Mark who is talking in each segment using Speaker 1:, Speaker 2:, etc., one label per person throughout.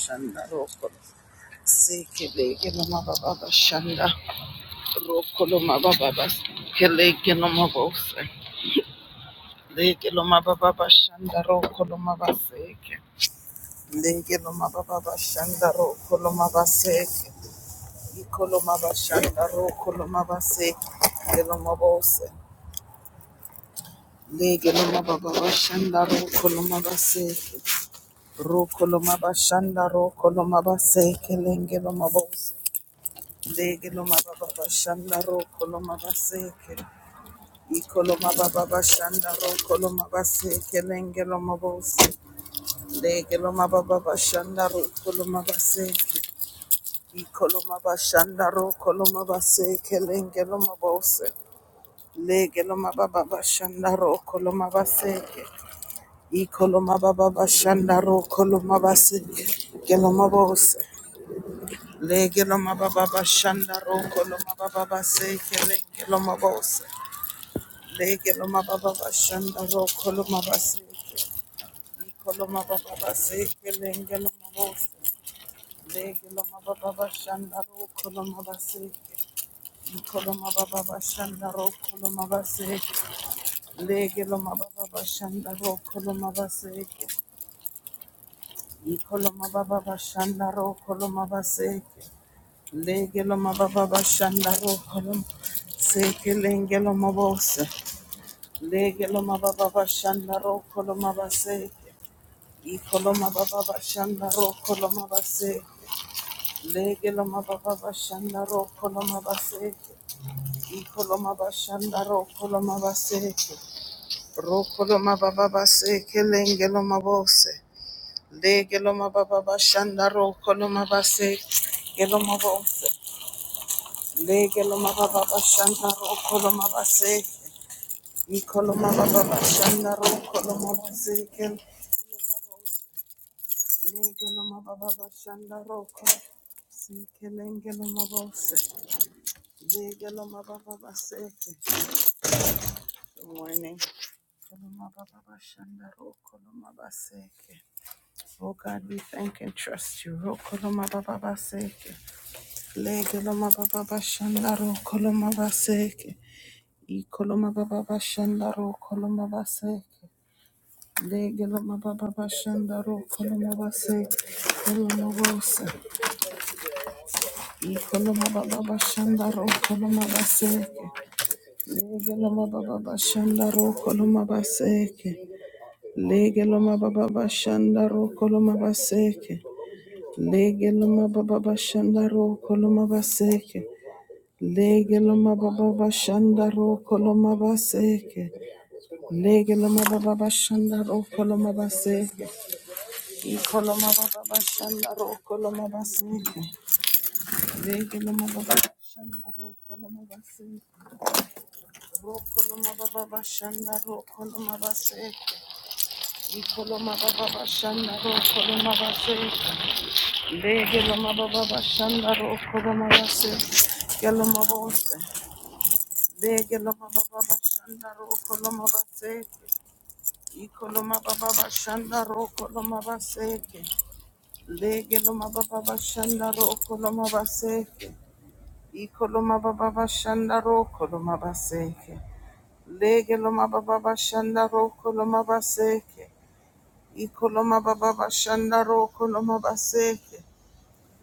Speaker 1: shanda roko sekele geno mababa shanda roko lo mababa basekele geno mabose lege lo mababa shanda roko lo mabaseke lege lo mababa shanda roko lo mabaseke iko lo shanda roko lo mabaseke geno mabose lege lo mababa shanda roko lo mabaseke roko lo mababa shanda roko lo mabaseke lenge lo mabose Dege lo mababa bashanda ro kolo mabaseke. Iko lo mababa bashanda ro kolo mabaseke lenge lo mabose. Dege lo mababa bashanda ro kolo mabaseke. Iko lo mabashanda ro kolo mabaseke lenge lo mabose. Lege lo mababa bashanda ro kolo mabaseke. Iko lo mababa bashanda ro kolo mabaseke. Gelo mabose. Lege loma baba bashanda roko loma baba baseke lege loma bose. Lege loma baba bashanda roko loma baseke. Iko loma baba baseke lege loma bose. Lege loma baba bashanda roko loma baseke. Iko loma baba bashanda roko loma baseke. Lege loma baba bashanda roko loma baseke. Iko loma baba bashanda roko loma baseke. Legelo mababa shanda rokolom seke lengelo mabose legelo mababa shanda rokolom mabase ikolom mababa shanda rokolom mabase legelo mababa shanda rokolom mabase ikolom mababa shanda rokolom mabase rokolom mababa seke lengelo mabose legelo mababa shanda rokolom mabase gelo mabose Legeloma baba bashanda ro koloma base. Ikoloma baba bashanda ro koloma baba bashanda ro koloma base. Kelengeloma baba base. Good morning. baba bashanda ro koloma Oh God, we thank and trust you. Ro koloma baba base. baba bashanda ro koloma Ikoloma baba bashanda ro koloma base. Legeloma baba bashanda ro koloma base. Koloma bose. Ikoloma baba bashanda ro koloma base. Legeloma baba bashanda ro koloma base. Legeloma baba bashanda ro koloma base. Legeloma baba bashanda ro koloma base. Legeloma baba bashanda ro koloma base. Legiloma baba bashanda rokoloma base. Ikoloma baba bashanda rokoloma base. Legiloma baba bashanda rokoloma base. Rokoloma baba bashanda rokoloma base. Ikoloma baba bashanda rokoloma base. Legiloma baba bashanda rokoloma base. Geloma bose. Legiloma baba bashanda rokoloma base. Ikoloma baba bashanda rokoloma base. Lege loma baba bashanda ro koloma baseke. Iko loma baba bashanda ro koloma baseke. Lege loma baba bashanda ro koloma baseke. Iko loma baba bashanda ro koloma baseke.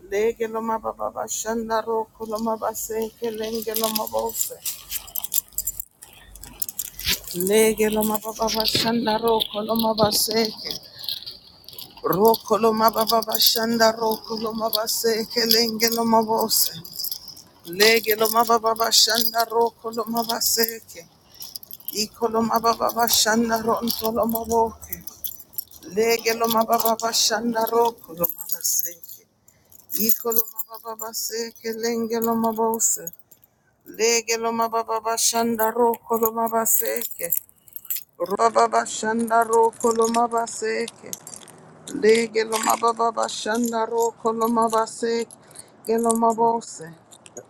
Speaker 1: Lege loma baba bashanda ro koloma baseke. Lenge loma bose. Lege loma baba bashanda ro koloma baseke. Ro koloma baba bashanda ro koloma baseke. Lenge loma bose. Lege lo mababa bashanda roko lo mabaseke. Iko lo mababa bashanda ronto lo maboke. Lege lo mababa bashanda roko lo mabaseke. Iko lo mababa baseke lenge lo mabose. Lege lo mababa bashanda roko lo mabaseke. Robaba bashanda roko lo mabaseke. Lege lo mababa bashanda roko lo mabaseke. Gelo
Speaker 2: Mhm.
Speaker 1: mabose.
Speaker 2: But,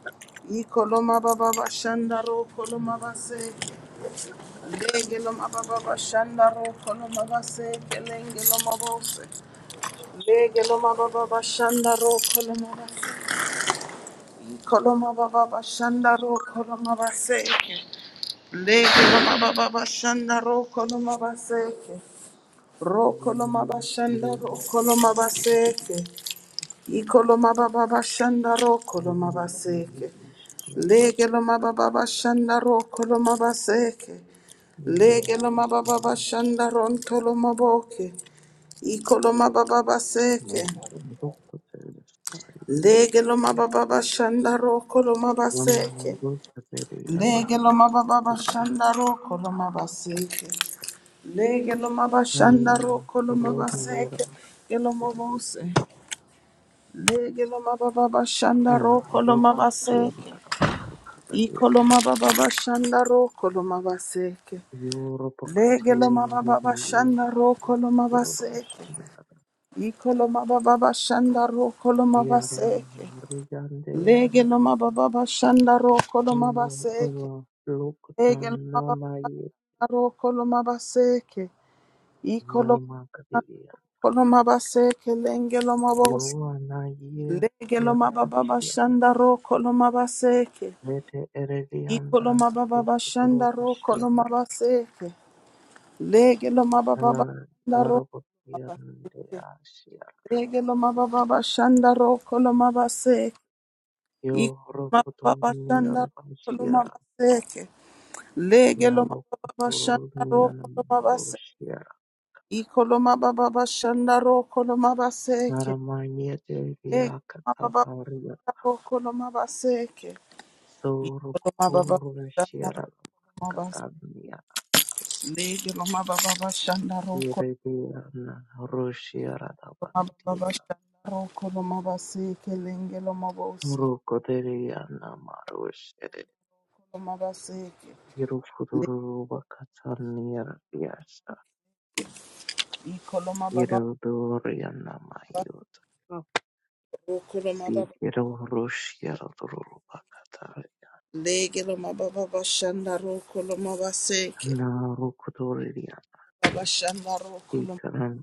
Speaker 1: Ikoloma baba bashanda ro koloma
Speaker 2: um,
Speaker 1: base
Speaker 2: it's not a good thing that I would do.
Speaker 1: lege loma baba bashanda ro koloma base kelenge loma bose lege loma baba bashanda ro koloma base ikoloma baba bashanda ro koloma base lege loma baba bashanda ro koloma base ro
Speaker 2: And then you
Speaker 1: koloma
Speaker 2: know, you
Speaker 1: bashanda
Speaker 2: know,
Speaker 1: ro
Speaker 2: it's-
Speaker 1: koloma
Speaker 2: it's- it's-
Speaker 1: base ikoloma baba bashanda ro
Speaker 2: you
Speaker 1: koloma
Speaker 2: know, you know,
Speaker 1: base
Speaker 2: it's- yeah,
Speaker 1: Lege lo mababa shanda ro kolo mabaseke.
Speaker 2: yeah,
Speaker 1: Lege lo mababa shanda ron tolo maboke. Iko lo mababa
Speaker 2: yeah,
Speaker 1: seke.
Speaker 2: and the book was there, it's tight.
Speaker 1: Lege lo mababa shanda ro kolo
Speaker 2: One
Speaker 1: mabaseke.
Speaker 2: man was
Speaker 1: Lege
Speaker 2: the
Speaker 1: lo mababa shanda ro kolo mabaseke. Lege lo mababa shanda ro kolo mabaseke. Gelo mabose. Lege lo mababa shanda ro kolo mabaseke. Iko lo mababa shanda ro kolo mabaseke.
Speaker 2: Europa
Speaker 1: Legelo mababa bashanda ro koloma baseke. Ikolo mababa bashanda ro koloma baseke. Legelo mababa bashanda ro koloma baseke. Legelo mababa
Speaker 2: Lokutanamaye
Speaker 1: ro koloma baseke. Ikolo
Speaker 2: Yarmakadiya
Speaker 1: koloma baseke lengelo mabos.
Speaker 2: Yovanayir
Speaker 1: Legelo mababa
Speaker 2: Yarvashir
Speaker 1: bashanda ro koloma baseke.
Speaker 2: Vete Eredianda
Speaker 1: Ikolo mababa bashanda ro koloma
Speaker 2: Yokutorishiyandar
Speaker 1: baseke. Legelo mababa bashanda ro.
Speaker 2: Arabakirndeyashir
Speaker 1: Regelo mababa Shandaro Kolomabase, Ikomababa Shandaro
Speaker 2: Yorokuturniyarvashir
Speaker 1: Kolomabaseke, Legelomababa Shandaro Kolomabase,
Speaker 2: Yarokuturniyanamaroshir
Speaker 1: Ikolomababa Shandaro Kolomabaseke,
Speaker 2: Naramayete
Speaker 1: mababa
Speaker 2: Vyakatavarya
Speaker 1: Shandaro Kolomabaseke, Ikolomababa
Speaker 2: Sorukurvashir
Speaker 1: Shandaro Kolomabase,
Speaker 2: Katanya
Speaker 1: Legelomababa Shandaro
Speaker 2: Yerebiana Roshiarada
Speaker 1: Kolomababa
Speaker 2: Bakitiana
Speaker 1: Shandaro Kolomabaseke, Lengelomabose
Speaker 2: Rukoteriana Marushere
Speaker 1: Kolomabaseke.
Speaker 2: Yerufuduru Bakatania Biasa
Speaker 1: Ikoloma baba
Speaker 2: Yerudoriana
Speaker 1: baba
Speaker 2: Mayut
Speaker 1: Rokoloma baba
Speaker 2: Sigero Roshiaraduru Bakatari
Speaker 1: legeloma baba bashanda rokoloma baseke
Speaker 2: Narukotoria
Speaker 1: babashanda rokoloma
Speaker 2: Ikaran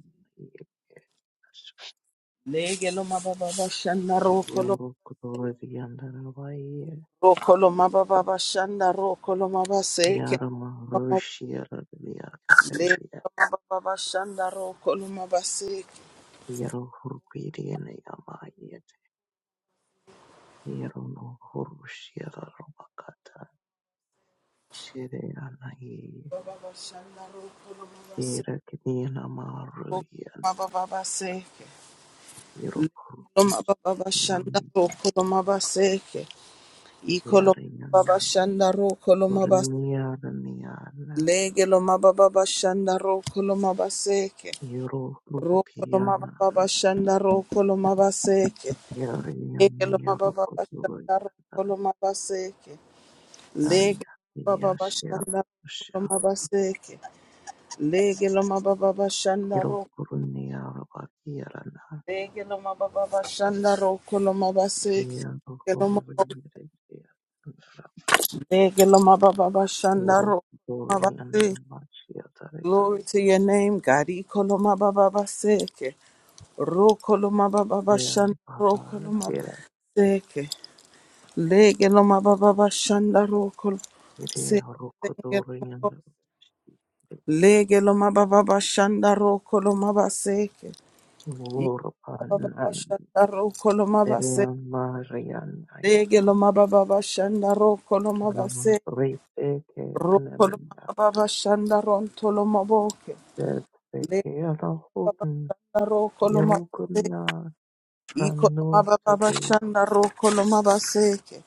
Speaker 1: legeloma baba bashanda rokoloma
Speaker 2: Yorukotoriana Vaye
Speaker 1: rokoloma baba bashanda rokoloma baseke
Speaker 2: Yarama Roshiarada Kataribia
Speaker 1: legeloma baba bashanda rokoloma baseke
Speaker 2: Yerohurkiriana Yamaya Erono Horushira Robakata Shireanaye
Speaker 1: baba bashanda rokoloma baseke
Speaker 2: Berakina Maruyan
Speaker 1: rokoloma baba baseke
Speaker 2: Yerokurukish
Speaker 1: legeloma baba bashanda
Speaker 2: Nam
Speaker 1: rokoloma baseke ikoloma baba
Speaker 2: Yarayan
Speaker 1: bashanda rokoloma
Speaker 2: Urniaraniana
Speaker 1: Lege lo mababa bashanda roko lo mabaseke.
Speaker 2: Yero
Speaker 1: Roko lo
Speaker 2: Rubukiana
Speaker 1: mababa bashanda roko lo mabaseke. Lege
Speaker 2: Yarayan
Speaker 1: lo mababa bashanda
Speaker 2: Yarokuru
Speaker 1: roko lo mabaseke.
Speaker 2: Daya
Speaker 1: Lege lo mababa
Speaker 2: Yashia
Speaker 1: bashanda roko lo
Speaker 2: Rusha
Speaker 1: mabaseke. Lege lo mababa bashanda roko.
Speaker 2: Yerokurunia Robakirana
Speaker 1: Lege lo mababa bashanda roko lo mabaseke. Lege lo mababa
Speaker 2: Yerokuruyan
Speaker 1: lege lo mababa bashanda
Speaker 2: Guru,
Speaker 1: roko lo
Speaker 2: Dorian,
Speaker 1: mabaseke.
Speaker 2: Machia,
Speaker 1: Glory
Speaker 2: Tarakias,
Speaker 1: to your name, God. Ikoloma baba baseke. Rokoloma baba bashanda
Speaker 2: Dan, Papa,
Speaker 1: rokoloma
Speaker 2: Dera,
Speaker 1: seke. Lege loma baba bashanda rokol
Speaker 2: Ide,
Speaker 1: seke.
Speaker 2: Ruko,
Speaker 1: Lege loma
Speaker 2: Dorian,
Speaker 1: Lege loma baba bashanda rokoloma baseke. Iko baba
Speaker 2: Wurupan,
Speaker 1: bashanda rokoloma baseke.
Speaker 2: Derian, Marian, I,
Speaker 1: Lege loma baba bashanda rokoloma
Speaker 2: Manama,
Speaker 1: baseke.
Speaker 2: Rite, Ke,
Speaker 1: Rokoloma
Speaker 2: Anemia,
Speaker 1: baba bashanda rontoloma boke.
Speaker 2: Bed, Beke,
Speaker 1: Lege baba
Speaker 2: Alahoven,
Speaker 1: bashanda rokoloma baseke.
Speaker 2: Yerukunya,
Speaker 1: Iko loma
Speaker 2: Ramno,
Speaker 1: baba
Speaker 2: City,
Speaker 1: bashanda rokoloma baseke.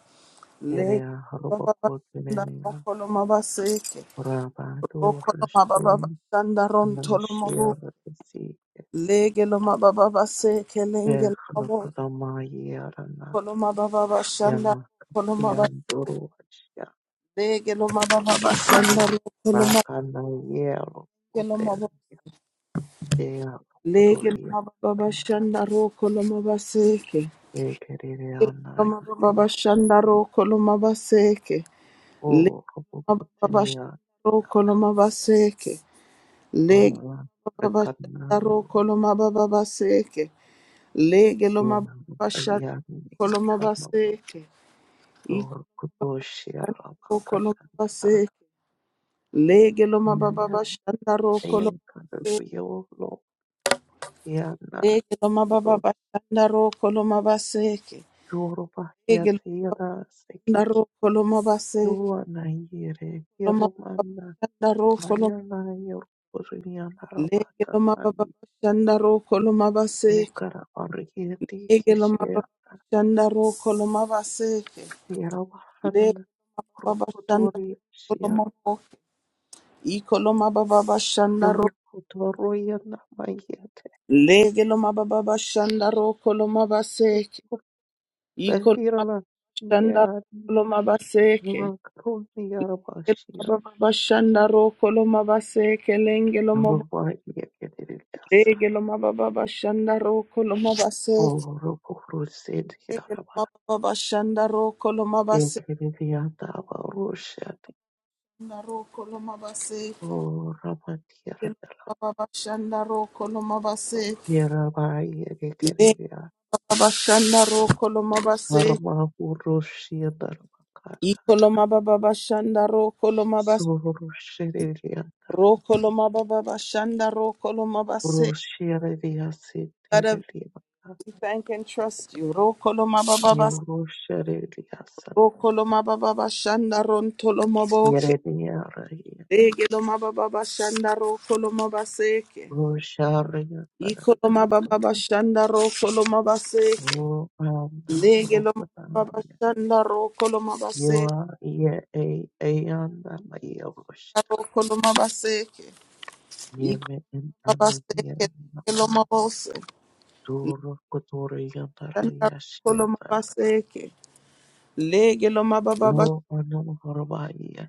Speaker 1: Lego
Speaker 2: Ere, Ruko,
Speaker 1: mababa shanda
Speaker 2: Timenia,
Speaker 1: rokolo mabaseke
Speaker 2: Rabado,
Speaker 1: rokolo mababa
Speaker 2: Ristum,
Speaker 1: shanda rontolo mabu
Speaker 2: Anamashia,
Speaker 1: legelo mababa baseke lengelo mabu
Speaker 2: Ehrokodomayarana
Speaker 1: kolo mababa shanda kolo mabaseke
Speaker 2: yanakatiyanduruasya
Speaker 1: legelo mababa shanda rokolo
Speaker 2: vakanayeru
Speaker 1: mabegelo mabu
Speaker 2: utelya
Speaker 1: legelo mababa
Speaker 2: teyakodoriyana
Speaker 1: shanda rokolo mabaseke legelo mababa
Speaker 2: ekerereanayurusha
Speaker 1: shanda rokolo mabaseke legelo mababa
Speaker 2: orobokotiniya
Speaker 1: shanda rokolo mabaseke Lege baba shandaro
Speaker 2: varakanayo
Speaker 1: koloma baba baseke. Lege loma baba shandaro koloma baseke. Iko koloma
Speaker 2: yanayanodorukodoshirabakatana
Speaker 1: baseke. Lege loma baba bashandaro koloma baseke.
Speaker 2: yanakayankaraguyeloyana
Speaker 1: Lege loma baba bashandaro koloma baseke.
Speaker 2: Yoruba
Speaker 1: Lege
Speaker 2: Yatira Seke
Speaker 1: loma koloma baseke.
Speaker 2: Yuana Yere
Speaker 1: Loma baba
Speaker 2: Yerumana
Speaker 1: shandaro koloma.
Speaker 2: Ayana Yoruburiana
Speaker 1: Lege
Speaker 2: Rabaka
Speaker 1: loma baba
Speaker 2: Tani
Speaker 1: shandaro koloma baseke.
Speaker 2: Dokara Arigeti
Speaker 1: Lege loma
Speaker 2: Kishia
Speaker 1: baba shandaro koloma baseke. Le
Speaker 2: Yerabahan
Speaker 1: baba shanda
Speaker 2: Rukutori Shira
Speaker 1: kolomoko ikoloma baba shanda ro
Speaker 2: Yorukutoroyana Mayete
Speaker 1: lege loma baba shanda ro koloma baseke ikoloma
Speaker 2: Behirala
Speaker 1: shanda
Speaker 2: Beani
Speaker 1: koloma baseke
Speaker 2: Makaroni Yarabashir
Speaker 1: loma baba shanda ro koloma baseke lenge loma
Speaker 2: Yoruba Yekediriasa
Speaker 1: lege loma baba shanda ro koloma baseke
Speaker 2: Orukurusid
Speaker 1: lege loma baba shanda ro koloma baseke
Speaker 2: Imperiviata Russia
Speaker 1: ro koloma baseke
Speaker 2: o Ramatiera
Speaker 1: loma
Speaker 2: della
Speaker 1: baba shanda ro koloma baseke
Speaker 2: Piera Baia Geria
Speaker 1: Babashanda ro koloma base
Speaker 2: Arma Russia della Macata
Speaker 1: ikoloma baba bashanda ro koloma base
Speaker 2: Sur Sheriata
Speaker 1: ro koloma baba bashanda ro koloma base
Speaker 2: Russia Revia
Speaker 1: God I
Speaker 2: Sitiria
Speaker 1: we thank and trust you ro koloma baba bas
Speaker 2: Yerusha Revia
Speaker 1: ro koloma baba bashanda ron toloma boke
Speaker 2: Yerevia Raieta
Speaker 1: ege loma baba bashanda ro koloma baseke
Speaker 2: Russia Revia
Speaker 1: ikoloma baba bashanda ro koloma baseke
Speaker 2: O Anna
Speaker 1: lege loma baba
Speaker 2: Rupatania
Speaker 1: bashanda ro koloma baseke
Speaker 2: Yua Ye Eanda Mayorusha
Speaker 1: ro koloma baseke
Speaker 2: Yeme en
Speaker 1: Babaseke lelo
Speaker 2: ananiyanaba
Speaker 1: mabose
Speaker 2: doro kotore yantara
Speaker 1: shanda rokolo
Speaker 2: yashiyatara
Speaker 1: mabaseke lege lo
Speaker 2: lo
Speaker 1: mababa
Speaker 2: ano horobaya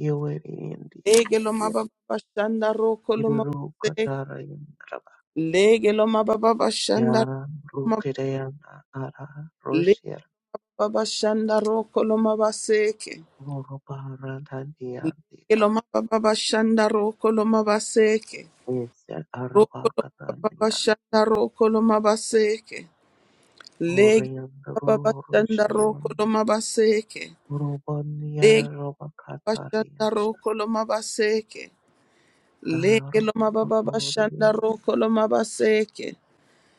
Speaker 2: yewe indiya
Speaker 1: lege lo
Speaker 2: ngen
Speaker 1: mababa shanda rokolo
Speaker 2: iruru
Speaker 1: mabaseke
Speaker 2: katara yantaraba
Speaker 1: lege lo mababa shanda
Speaker 2: yara
Speaker 1: mab-
Speaker 2: rukere ara
Speaker 1: le
Speaker 2: roshir
Speaker 1: baba shanda rokolo mabaseke
Speaker 2: horobara
Speaker 1: lege
Speaker 2: dandiyandira
Speaker 1: lo mababa shanda rokolo mabaseke
Speaker 2: ese araba
Speaker 1: rokolo mababa
Speaker 2: kataniyar
Speaker 1: shanda rokolo mabaseke lege
Speaker 2: horiyanduru
Speaker 1: baba shanda
Speaker 2: roshir
Speaker 1: rokolo mabaseke
Speaker 2: Urban
Speaker 1: lege
Speaker 2: Yarrow
Speaker 1: baba shanda
Speaker 2: Catarians
Speaker 1: rokolo mabaseke Leke
Speaker 2: are
Speaker 1: lo mababa bashanda
Speaker 2: popular
Speaker 1: roko lo mabaseke.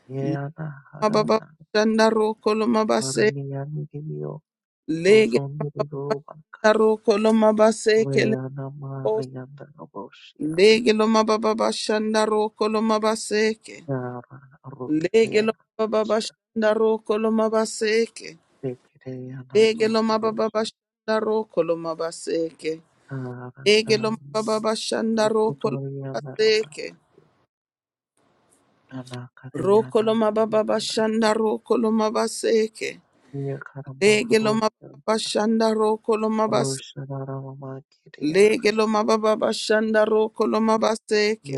Speaker 2: Yana
Speaker 1: Mababa
Speaker 2: harana
Speaker 1: bashanda roko lo mabase.
Speaker 2: maraniyandiyo
Speaker 1: Lege lo mababa
Speaker 2: rosonduruba
Speaker 1: bashanda roko lo mabaseke le
Speaker 2: reyana
Speaker 1: mabos.
Speaker 2: mariyandaraboshira
Speaker 1: Lege lo mababa bashanda roko lo mabaseke.
Speaker 2: yara
Speaker 1: Lege lo
Speaker 2: ruketeyanasia
Speaker 1: mababa bashanda roko lo mabaseke.
Speaker 2: pekereyana
Speaker 1: Lege lo mababa
Speaker 2: marosh
Speaker 1: bashanda roko lo mabaseke. Lege lo
Speaker 2: haranaya
Speaker 1: mababa bashanda roko lo mabaseke.
Speaker 2: rukutoyandaraba
Speaker 1: Roko
Speaker 2: anakareyana
Speaker 1: lo mababa
Speaker 2: yarada
Speaker 1: bashanda roko lo mabaseke. Lege lo mababa
Speaker 2: yakaramahroshanda
Speaker 1: shanda roko lo mabase.
Speaker 2: roshanarama kireyara
Speaker 1: Lege lo mababa shanda roko lo mabaseke.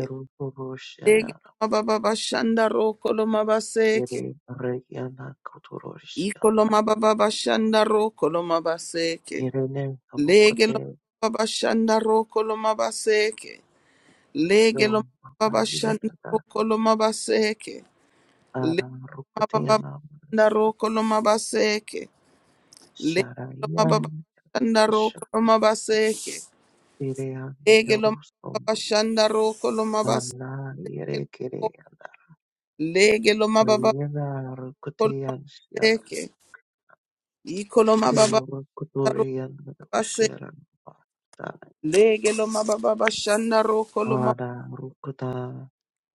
Speaker 1: Lege lo mababa shanda roko lo mabaseke.
Speaker 2: yere reyana
Speaker 1: Iko
Speaker 2: kuturoshana
Speaker 1: lo mababa shanda roko lo mabaseke.
Speaker 2: yerene
Speaker 1: Lege
Speaker 2: rukote
Speaker 1: lo mababa shanda roko lo mabaseke. Lege lo
Speaker 2: Yo,
Speaker 1: mababa
Speaker 2: Maria
Speaker 1: shanda
Speaker 2: Tata,
Speaker 1: roko lo mabaseke.
Speaker 2: Ara
Speaker 1: Lege lo mababa
Speaker 2: Rukuteana,
Speaker 1: shanda roko lo mabaseke. Lege lo mababa
Speaker 2: Sharayan,
Speaker 1: shanda roko lo mabaseke.
Speaker 2: Ushakirean,
Speaker 1: Lege lo
Speaker 2: Yorusum,
Speaker 1: mababa shanda roko lo mabase
Speaker 2: Anna,
Speaker 1: ke lo.
Speaker 2: Yerekireana,
Speaker 1: Lege lo mababa
Speaker 2: Riena,
Speaker 1: kolo
Speaker 2: Rukutian, Shara,
Speaker 1: leke. Iko lo mababa
Speaker 2: Do
Speaker 1: shanda roko
Speaker 2: Rukuturian,
Speaker 1: base.
Speaker 2: Ushiran, Bata,
Speaker 1: Lege lo mababa shanda roko lo mab
Speaker 2: Ara Rukuta,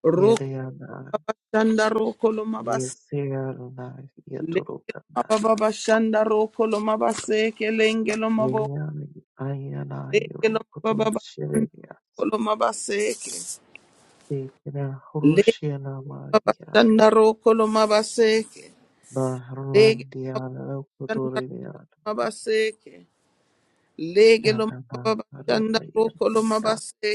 Speaker 1: roko
Speaker 2: Yereana,
Speaker 1: mababa shanda roko lo mabase.
Speaker 2: Yeserna,
Speaker 1: Lege lo
Speaker 2: Yeturukana,
Speaker 1: mababa shanda roko lo mabase ke lenge lo mabo.
Speaker 2: Riena, Ayana,
Speaker 1: Lege lo mababa
Speaker 2: Yurukutu,
Speaker 1: shanda roko
Speaker 2: Shireas,
Speaker 1: lo mabase ke.
Speaker 2: Dekina,
Speaker 1: Lege lo mababa
Speaker 2: Hurushiana,
Speaker 1: shanda roko lo mabase ke. Lege lo mababa
Speaker 2: Barlandiano
Speaker 1: shanda roko lo
Speaker 2: Cotoriano
Speaker 1: mabase ke. Legelo, lo
Speaker 2: Anama
Speaker 1: mabashanda
Speaker 2: Rabaya
Speaker 1: roko lo
Speaker 2: Maja
Speaker 1: mabase.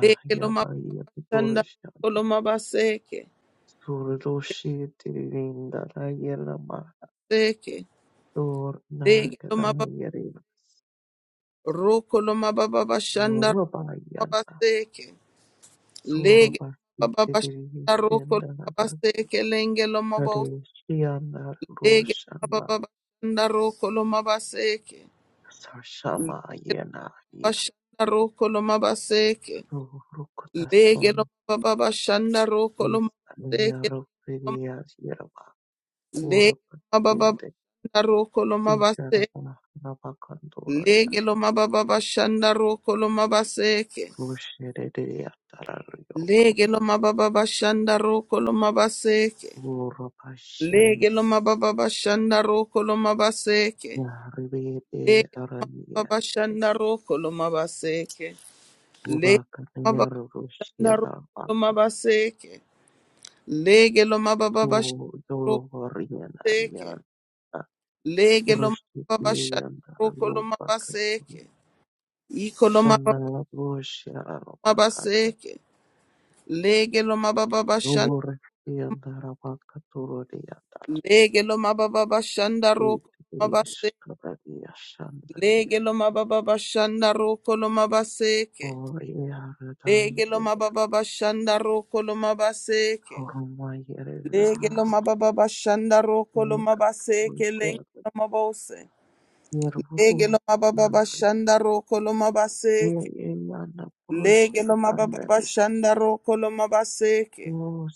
Speaker 1: Lege lo
Speaker 2: Baya
Speaker 1: mabashanda
Speaker 2: Cotorishan
Speaker 1: roko lo mabaseke.
Speaker 2: Surdoshi Tirinda Rayelama
Speaker 1: Seke.
Speaker 2: Dor
Speaker 1: Lege lo mababa
Speaker 2: Nakadayari
Speaker 1: roko lo mababashanda
Speaker 2: Yorubayana
Speaker 1: mabaseke. Lege lo
Speaker 2: Surabasti
Speaker 1: mababashanda roko lo
Speaker 2: Tirishandana
Speaker 1: mabaseke. Lenge lo mabos.
Speaker 2: Kadeshiana
Speaker 1: Lege lo
Speaker 2: Roshama
Speaker 1: mababashanda roko mabaseke.
Speaker 2: Sashama Yena
Speaker 1: Bashanda roko mabaseke. Lege
Speaker 2: Surukutasum
Speaker 1: lo mababashanda roko
Speaker 2: is
Speaker 1: mabaseke.
Speaker 2: Nero Vidyas
Speaker 1: Lege lo mababa
Speaker 2: Urpatiente
Speaker 1: shanda roko lo mabase.
Speaker 2: sitarabana rabakantoraya
Speaker 1: Lege lo mababa shanda roko lo mabaseke.
Speaker 2: rushereya tarariyoko
Speaker 1: Lege lo mababa shanda roko lo mabaseke.
Speaker 2: urpashen
Speaker 1: Lege lo mababa shanda roko lo mabaseke.
Speaker 2: rivede
Speaker 1: Lege
Speaker 2: aranias
Speaker 1: baba shanda roko lo mabaseke. Lege lo mababa
Speaker 2: urakanya
Speaker 1: shanda
Speaker 2: rushira
Speaker 1: roko lo
Speaker 2: bakata
Speaker 1: mabaseke. Lege lo mababa shanda roko
Speaker 2: udorovariana
Speaker 1: seke.
Speaker 2: yanta
Speaker 1: Lege lo mababa shanda
Speaker 2: rushitiyanta
Speaker 1: roko lo
Speaker 2: rupakata
Speaker 1: mabaseke.
Speaker 2: sanala rushira
Speaker 1: baba
Speaker 2: bakata
Speaker 1: seke lege lo mababa bashanda
Speaker 2: urpatienta rabakatoriyanta
Speaker 1: lege lo mababa bashanda roko mababa
Speaker 2: Utilish
Speaker 1: seke
Speaker 2: Kabadia Shandaria
Speaker 1: lege lo mababa bashanda roko lo mababa seke
Speaker 2: or Yaradai
Speaker 1: lege lo mababa bashanda roko lo mababa seke
Speaker 2: Horumayera
Speaker 1: lege lo mababa bashanda roko lo
Speaker 2: Yoga
Speaker 1: mababa seke lenge
Speaker 2: Rusha
Speaker 1: lo mababa se lege
Speaker 2: Yervuk
Speaker 1: lo mababa bashanda roko lo mababa seke
Speaker 2: Yana Purusha
Speaker 1: lege lo mababa
Speaker 2: Tandaria
Speaker 1: bashanda roko lo mababa seke
Speaker 2: O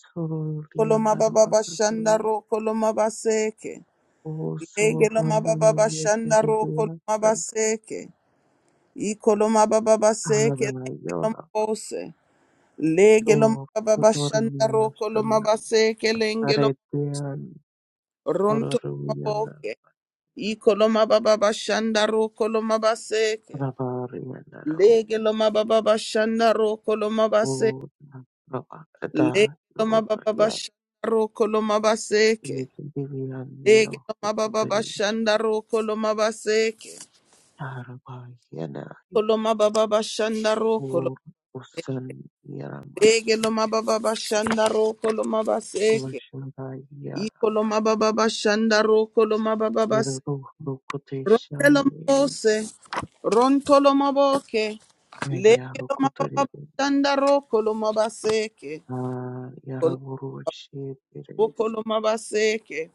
Speaker 1: Koloma
Speaker 2: Suruliandara
Speaker 1: baba bashanda
Speaker 2: Bakari
Speaker 1: ro koloma baseke.
Speaker 2: O
Speaker 1: Egelo
Speaker 2: Surana
Speaker 1: mababa shanda ro
Speaker 2: Yekidia
Speaker 1: koloma
Speaker 2: Shan
Speaker 1: baseke. Ikoloma baba
Speaker 2: Ara
Speaker 1: baseke lengelo
Speaker 2: Yora
Speaker 1: mbose. Legelo
Speaker 2: Do
Speaker 1: mababa shanda ro
Speaker 2: Kotornia
Speaker 1: koloma
Speaker 2: Shan
Speaker 1: baseke lengelo
Speaker 2: Aretian
Speaker 1: ronto
Speaker 2: Poraruyanda
Speaker 1: maboke. Ikoloma baba shanda ro koloma baseke.
Speaker 2: Rabariandara
Speaker 1: Legelo mababa shanda ro koloma baseke.
Speaker 2: O na roa da Una rada
Speaker 1: Legelo mababa
Speaker 2: yoroya
Speaker 1: shanda ro koloma baseke.
Speaker 2: yetibiyaniyo
Speaker 1: Legelo mababa
Speaker 2: sokotorisha
Speaker 1: shanda ro koloma
Speaker 2: yarabahiyana
Speaker 1: Koloma baba shanda
Speaker 2: ur usan
Speaker 1: Ege
Speaker 2: yaramatiya
Speaker 1: loma baba bashanda roko loma baseke.
Speaker 2: yoshanda yara
Speaker 1: Iko loma baba bashanda roko loma baba baseke.
Speaker 2: yeruru rokotesha
Speaker 1: Ronde loma
Speaker 2: ye
Speaker 1: bose. Ronto loma boke.
Speaker 2: aya
Speaker 1: Lege loma baba
Speaker 2: rokotorire
Speaker 1: bashanda roko loma baseke.
Speaker 2: a
Speaker 1: Kolo-
Speaker 2: yaraburushi deres
Speaker 1: Roko loma baseke.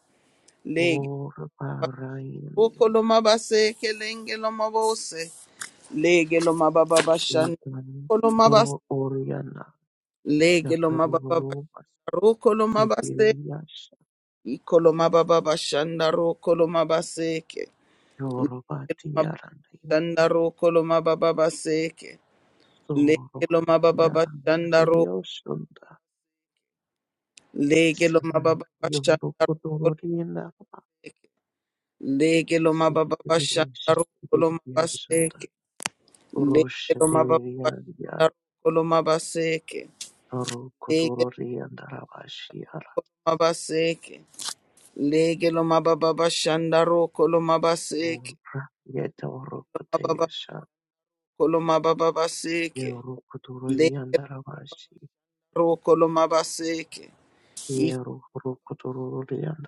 Speaker 1: Lege
Speaker 2: ur parayende
Speaker 1: roko loma baseke. Lenge loma bose. Lege loma baba bashanda
Speaker 2: itan
Speaker 1: roko loma bas.
Speaker 2: yoro oryana
Speaker 1: Lege loma baba
Speaker 2: yakaruru mas
Speaker 1: bashanda roko loma baseke.
Speaker 2: sitiriya
Speaker 1: Ikoloma baba shandaro koloma baseke. Legeloma baba
Speaker 2: Yorubatiyaraniya
Speaker 1: Shandaro koloma baba baseke. Legeloma baba shandaro.
Speaker 2: Sorobatiyaraniyoshunda
Speaker 1: Legeloma
Speaker 2: Sana
Speaker 1: baba shandaro
Speaker 2: Yorukodorina
Speaker 1: koloma. Legeloma baba shandaro koloma
Speaker 2: Sidiriyashunda
Speaker 1: baseke. Legeloma baba
Speaker 2: Roshadiriya
Speaker 1: shandaro koloma baseke. Legeloma
Speaker 2: Rokodoriyandravashiyara
Speaker 1: baseke. Legeloma baba shandaro koloma baseke.
Speaker 2: Mura Yetaurokoteyasha
Speaker 1: Koloma baba baseke.
Speaker 2: Yorukodoriyandravashi
Speaker 1: Rokolo mabaseke.